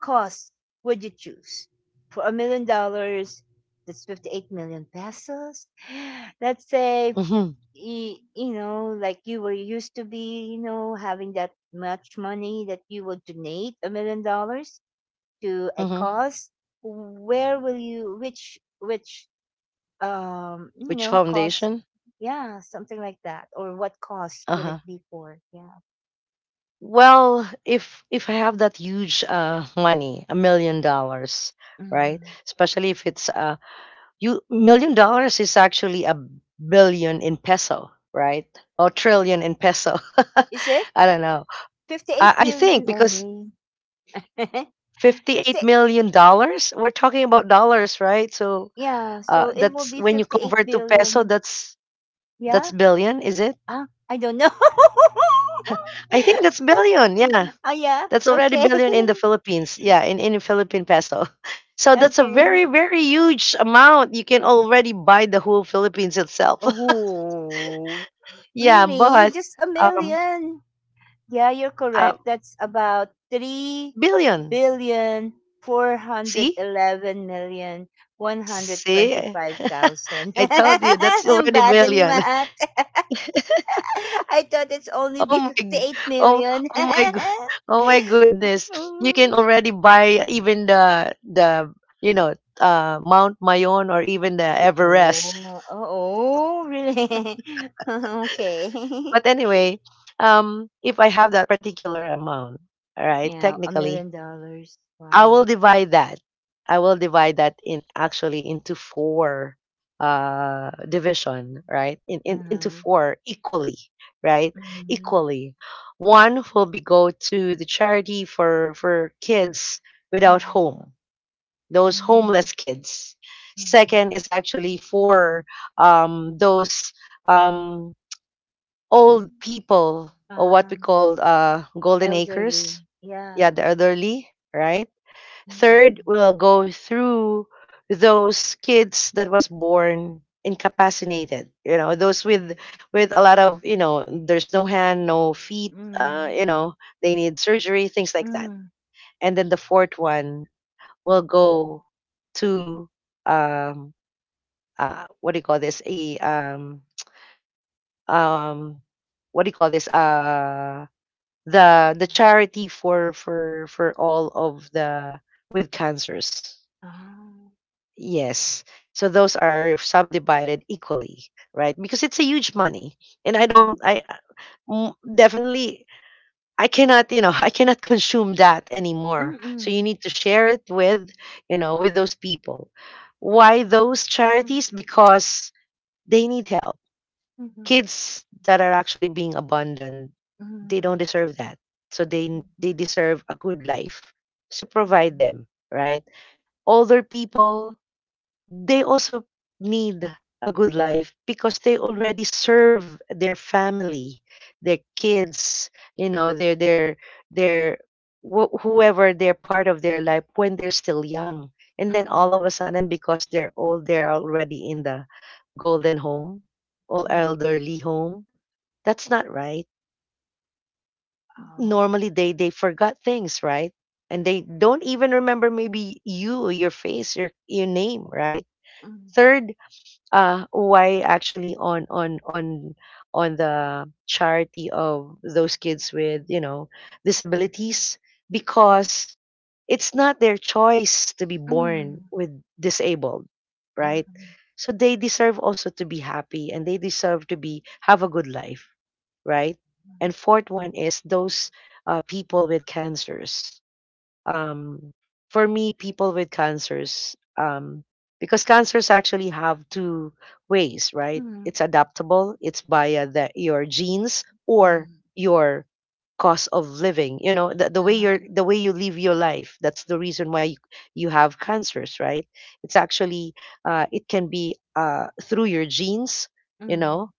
S1: cause would you choose? For $1 million, that's 58 million pesos. *gasps* *sighs* Let's say,
S2: Mhm,
S1: you, like you were used to be, having that much money that you would donate $1 million to a
S2: mhm.
S1: cause. Where will you, which, which um you
S2: Which
S1: know cost,
S2: foundation?
S1: yeah, something like that, or what cost would it
S2: Uh-huh.
S1: be for? Yeah.
S2: Well, if I have that huge money, $1 million, right?
S1: Hmm,
S2: Especially if it's, you million dollars is actually a billion in peso, right? Or trillion in peso.
S1: is it
S2: *laughs* I don't know. I,
S1: 58
S2: I think
S1: million
S2: because
S1: only? *laughs* 50.
S2: $58 million, we're talking about dollars, right? So
S1: Yeah, so it will
S2: that's
S1: be
S2: when you
S1: 58
S2: convert to peso,
S1: billion.
S2: that's
S1: Yeah.
S2: billion, is it?
S1: Ah, I don't know. *laughs*
S2: I think that's billion. Yeah.
S1: Oh, yeah,
S2: That's already
S1: okay.
S2: billion in the
S1: *laughs*
S2: Philippines. Yeah, in Philippine peso. *laughs* So that's a
S1: Okay.
S2: very, very huge amount. You can already buy the whole Philippines itself. *laughs*
S1: Oh,
S2: Yeah,
S1: really?
S2: but
S1: Just a
S2: um,
S1: million. Yeah, you're
S2: uh,
S1: correct. That's about three
S2: billion.
S1: billion four hundred
S2: See?
S1: eleven million one hundred
S2: See?
S1: twenty-five thousand.
S2: I told you
S1: *laughs*
S2: that's
S1: I'm
S2: already
S1: bad in
S2: billion. *laughs*
S1: math. *laughs* I thought it's only
S2: Oh
S1: be
S2: my g-
S1: fifty-eight
S2: oh
S1: million.
S2: oh my g-
S1: *laughs*
S2: *laughs* Oh my goodness. You can
S1: Oh,
S2: already buy even the you know Mount Mayon or even the Everest.
S1: oh, oh, really? *laughs* Okay.
S2: But anyway, if I have that particular amount, all
S1: *laughs*
S2: right,
S1: Yeah, a million
S2: technically,
S1: dollars.
S2: I
S1: Wow.
S2: will divide that. I will divide that in actually into four division, right? In into
S1: Uh-huh.
S2: four equally, right?
S1: Hmm.
S2: Equally. One will be go to the charity for kids without
S1: Hmm.
S2: home, those homeless kids. Second is actually for those um old people, or what we
S1: Hmm.
S2: call golden acres.
S1: Elderly, yeah.
S2: Yeah, the elderly, right? Third,
S1: Mm-mm.
S2: we'll go through those kids that was born incapacitated. You know, those with a lot of, there's no hand, no feet.
S1: Mm.
S2: They need surgery, things like that.
S1: Mm.
S2: And then the fourth one will go to um what do you call this? A um what do you call this? The charity for all of the with cancers.
S1: Ah.
S2: Yes. So those are subdivided equally, right? Because it's a huge money, and I don't.
S1: Mm.
S2: Definitely I cannot. You know, *laughs* I cannot consume that anymore. So you
S1: Mm-mm.
S2: need to share it with those people. Why those
S1: Mm.
S2: charities? Because they need help.
S1: Mhm.
S2: Kids that are actually being abandoned, they don't
S1: Mm.
S2: deserve that, so they deserve a good life, so provide
S1: Mm-mm.
S2: them, right? Older people, they also need a good life, because they already serve their family, their kids, you know, their whoever they're part of their life when they're still young, and then all
S1: Mm-mm.
S2: of a sudden, because they're old, they're already in the golden home or
S1: Mm.
S2: elderly home. That's not right.
S1: Oh.
S2: Normally they forgot things, right? And they don't even remember, maybe you, your face, your name, right?
S1: Mm.
S2: Third, why actually, on the charity of those kids with, disabilities, because it's not their choice to be born
S1: Mm.
S2: with disabled, right?
S1: Mm-mm.
S2: So they deserve also to be happy, and they deserve to be have a good life, right? And fourth one is those people with cancers. Um, for me, people with cancers, because cancers actually have two ways, right?
S1: Mm.
S2: It's adaptable. It's via your genes or
S1: Mm.
S2: your cost of living. You know, the, the way
S1: Ah.
S2: you're, the way you live your life. That's the reason why you have cancers, right? It's actually, it can be through your genes. You
S1: Mm.
S2: know,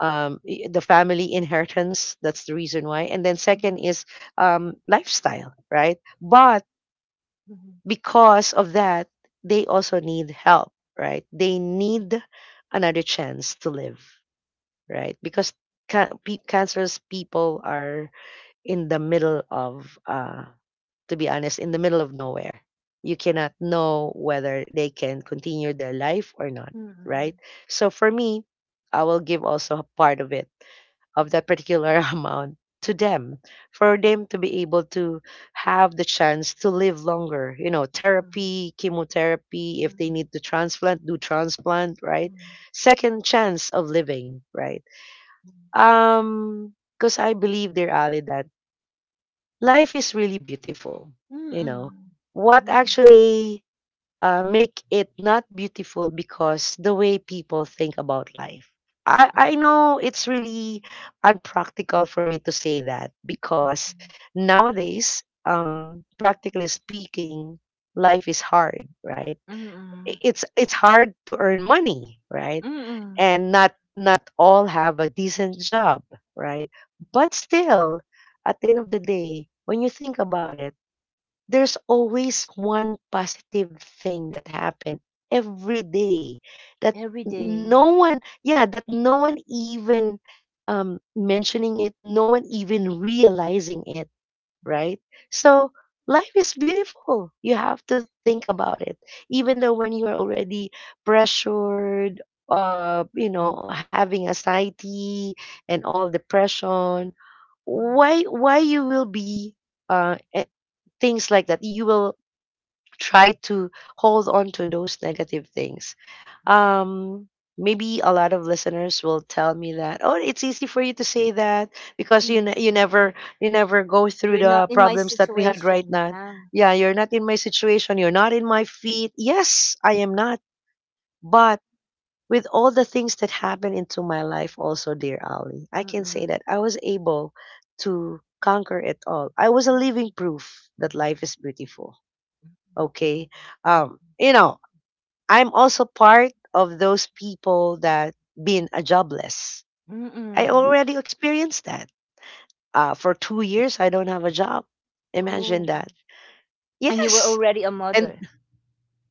S2: the family inheritance. That's the reason why. And then second
S1: Mhm.
S2: is lifestyle, right? But
S1: Mhm.
S2: because of that, they also need help, right? They need another chance to live, right? Because cancerous people are in the middle of, to be honest, in the middle of nowhere. You cannot know whether they can continue their life or not, right?
S1: Mm-mm.
S2: So for me, I will give also a part of it, of that particular *laughs* amount to them, for them to be able to have the chance to live longer,
S1: Mm.
S2: therapy, chemotherapy. If they
S1: Mm.
S2: need to transplant, do transplant, right?
S1: Mm.
S2: Second chance of living, right? um because I believe, dear Ali, that life is really beautiful. You know
S1: Mm-mm.
S2: what
S1: Mm-mm.
S2: actually, make it not beautiful, because the way people think about life. I
S1: Mm.
S2: know it's really unpractical for me to say that because nowadays, practically speaking, life is hard, right? I-
S1: Mm-mm.
S2: It's it's hard to earn money, right?
S1: Mm-mm.
S2: And not all have a decent job, right? But still, at the end of the day, when you think about it, there's always one positive thing that happened every day, that
S1: Every day.
S2: no one, yeah, that no one even mentioning it, no one even realizing it, right? So life is beautiful. You have to think about it, even though when you are already pressured, you know,
S1: Mm-mm.
S2: having anxiety and all, depression.
S1: Mm.
S2: Why you will be uh eh, things like that. You will try to hold on to those negative things. um Maybe a lot of listeners will tell me that, oh, it's easy for you to say that, because
S1: Mhm.
S2: you never, you never go through
S1: You're not
S2: the
S1: in my
S2: problems that we had right
S1: situation.
S2: now.
S1: Yeah.
S2: Yeah, you're not in my situation, you're not in my feet. Yes, I am not. But with all the things that happened into my life, also, dear Ali, I can say
S1: Mm-mm.
S2: that I was able to conquer it all. I was a living proof that life is beautiful. Okay. You know, I'm also part of those people that been a jobless. I
S1: Mm-mm.
S2: already experienced that. For 2 years I don't have a job. Imagine
S1: Oh.
S2: that.
S1: And you were
S2: Yes.
S1: already a
S2: And
S1: mother.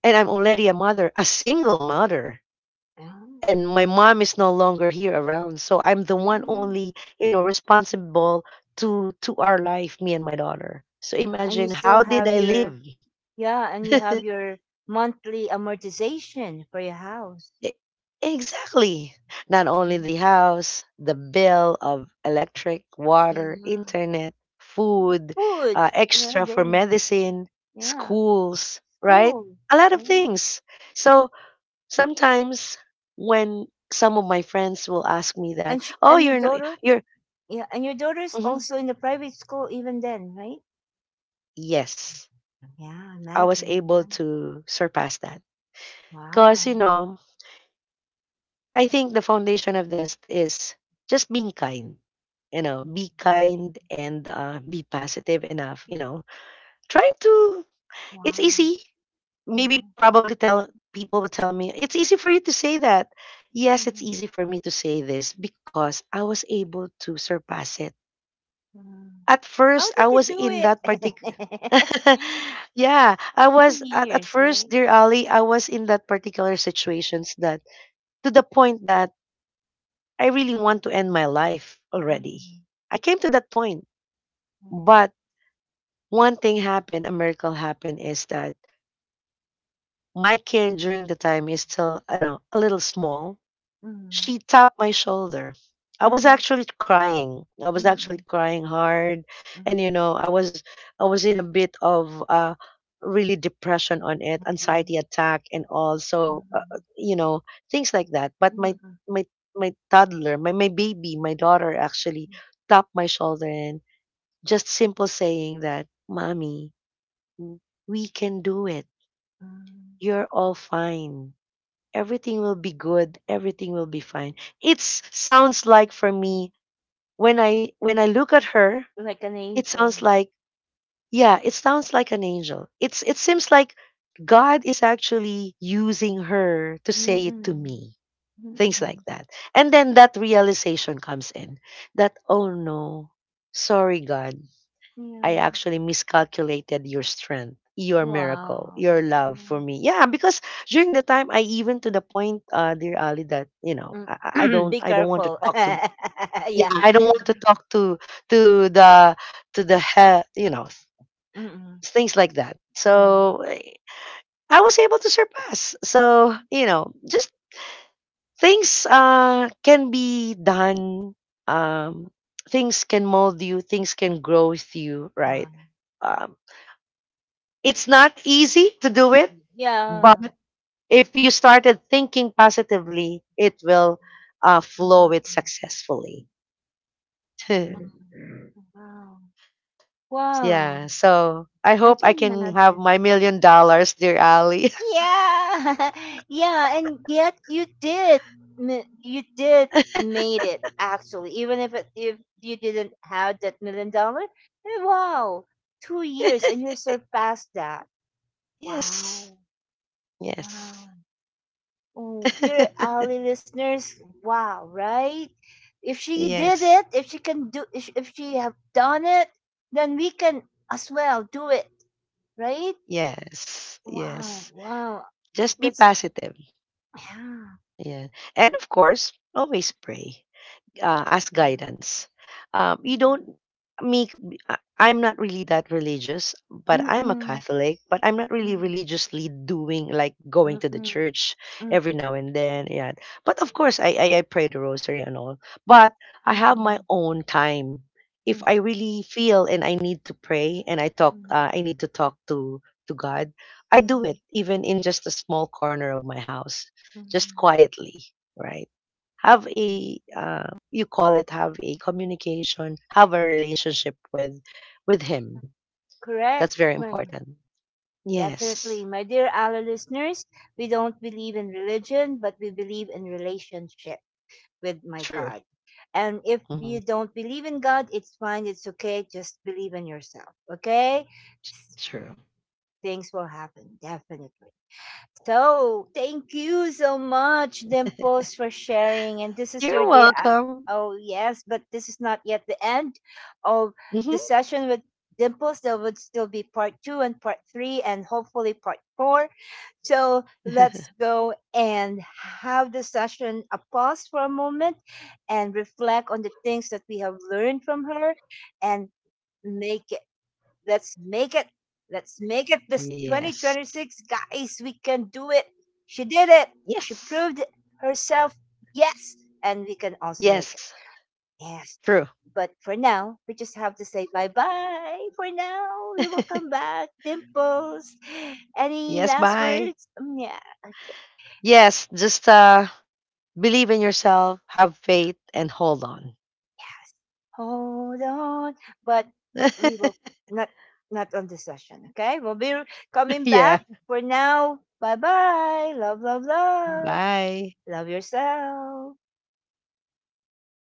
S2: and I'm already a mother, a single mother.
S1: Yeah.
S2: And my mom is no longer here around, so I'm the one
S1: Mm.
S2: only, you know, responsible to our life, me and my daughter. So
S1: Yeah. And you
S2: imagine
S1: still
S2: how
S1: have
S2: did I
S1: your,
S2: live.
S1: yeah, and you have
S2: *laughs*
S1: your monthly amortization for your house.
S2: E- exactly. Not only
S1: Mhm.
S2: the house, the bill of electric, water,
S1: Yeah.
S2: internet, food,
S1: Food. Yeah,
S2: extra for
S1: then.
S2: medicine,
S1: Yeah.
S2: schools, right?
S1: School.
S2: A lot of
S1: Yeah.
S2: things. So sometimes, when some of my friends will ask me that,
S1: And she,
S2: oh,
S1: and your
S2: you're not,
S1: daughter?
S2: you're
S1: Yeah, and your daughter's
S2: Mhm.
S1: also in the private school even then, right?
S2: Yes,
S1: Yeah,
S2: I was
S1: imagine.
S2: able
S1: Right?
S2: to surpass that. Because,
S1: Wow.
S2: you know, I think the foundation of this is just being kind. You know, be kind and be positive enough. You know, try to, it's
S1: Wow.
S2: easy.
S1: Mhm,
S2: Maybe probably tell, people would tell me, it's easy for you to say that.
S1: mhm,
S2: Yes, it's easy for me to say this because I was able to surpass it.
S1: mhm.
S2: At
S1: How
S2: first, I
S1: did you
S2: was
S1: do
S2: in that particular
S1: it? *laughs*
S2: *laughs* yeah, I
S1: 2
S2: was at
S1: years,
S2: first,
S1: right?
S2: dear Ali, I was in that particular situations that, to the point that I really want to end my life already.
S1: Mhm,
S2: I came to that point. But one thing happened, a miracle happened, is that my care during the time is still, I know, a little small.
S1: mhm,
S2: She tapped my shoulder. I was
S1: mhm,
S2: actually crying. I was actually
S1: mhm,
S2: crying hard, and you
S1: mhm,
S2: know, I was in a bit of really depression on it,
S1: mhm,
S2: anxiety attack, and also
S1: mhm,
S2: you know, things like that. But
S1: mhm, mhm,
S2: my my toddler, my baby, my daughter, actually tapped my shoulder and just simple saying that, "Mommy, w- we can do it.
S1: mhm.
S2: You're all fine." Everything will be good, everything will be fine. It sounds like, for me, when I look at her,
S1: Like an
S2: it sounds
S1: angel.
S2: like, yeah, it sounds like an angel. It seems like God is actually using her to say it to
S1: Mm-mm.
S2: me, things
S1: Mm-mm.
S2: like that. And then that realization comes in, that, oh no, sorry God, I
S1: Yeah.
S2: actually miscalculated your strength, your miracle,
S1: Wow.
S2: your love
S1: Yeah.
S2: for me. Yeah, because during the time I, even to the point, dear Ali, that, you know,
S1: Mm. *clears throat* Be
S2: I don't want to
S1: careful. *laughs*
S2: talk to. Yeah,
S1: Yeah.
S2: I don't want to talk to, to the to the he, you know,
S1: Mm-mm.
S2: things like that.
S1: Yeah.
S2: So I was able to surpass. So you know, just things can be done. Um, Things can mold you. Things can grow with you, right?
S1: Wow.
S2: Um. It's not easy to do it, but
S1: Yeah.
S2: if you started thinking positively, it will, flow
S1: Wow.
S2: it successfully. *laughs*
S1: Wow. Wow.
S2: Yeah. So I
S1: I
S2: hope
S1: can
S2: I can have my
S1: imagine.
S2: $1 million, dear Ali.
S1: Yeah, *laughs* yeah, and yet you did, you did made it actually. Even if it, if you didn't have that million dollar, eh, wow, 2 years and
S2: *laughs*
S1: you surpassed that. Wow,
S2: Yes.
S1: wow.
S2: Yes.
S1: Oh, dear
S2: *laughs*
S1: Ali listeners, wow, right? If she did
S2: Yes.
S1: it, if she can do, if she have done it, then we can as well do it, right?
S2: Yes.
S1: Wow,
S2: Yes.
S1: wow.
S2: Just be
S1: That's,
S2: positive.
S1: yeah.
S2: Yeah. And of course, always pray, as guidance. You
S1: Yeah.
S2: don't me. I'm not really that religious, but
S1: Mm,
S2: I'm a
S1: mm,
S2: Catholic. But I'm not really
S1: mm,
S2: religiously doing like going
S1: mm,
S2: to the
S1: mm,
S2: church
S1: mm,
S2: every now and then. Yeah, but of course I pray the rosary and all. But I have my
S1: mm,
S2: own time. If I really feel and I need to pray and I talk,
S1: mm,
S2: I need to talk to God. I do
S1: mm,
S2: it even in just a small corner of my house, just
S1: mm.
S2: quietly, right? Have a, you call it, have a communication, have a relationship with
S1: Yeah,
S2: him.
S1: correct.
S2: That's very
S1: Well,
S2: important. Yes.
S1: definitely. My dear Allah listeners, we don't believe in religion, but we believe in relationship with my
S2: True.
S1: God. And if
S2: Hmm.
S1: you don't believe in God, it's fine. It's okay. Just believe in yourself. Okay?
S2: True.
S1: Things will happen. Definitely. So, thank you so much,
S2: *laughs*
S1: Dimples, for sharing. And this is your
S2: You're
S1: dear aunt.
S2: welcome.
S1: Oh, yes, but this is not yet the end of
S2: Hmm.
S1: the session with Dimples. There would still be part two and part three, and hopefully part four. So,
S2: *laughs*
S1: let's go and have the session a pause for a moment and reflect on the things that we have learned from her and make let's make it. Let's make it this
S2: Yes.
S1: 2026, guys. We can do it. She did it. She
S2: Yes.
S1: proved herself. Yes. And we can also
S2: Yes.
S1: make it. Yes.
S2: True.
S1: But for now, we just have to say bye bye. For now,
S2: *laughs*
S1: we will come back. Dimples.
S2: Yes,
S1: Any last
S2: bye.
S1: words? Mm. Yeah.
S2: Yes, just believe in yourself, have faith, and hold on.
S1: Yes. Hold on. But we will not, not on this session. Okay? We'll be
S2: *laughs*
S1: coming
S2: Yeah,
S1: back. For now, bye bye. Love, love, love.
S2: bye.
S1: Love yourself.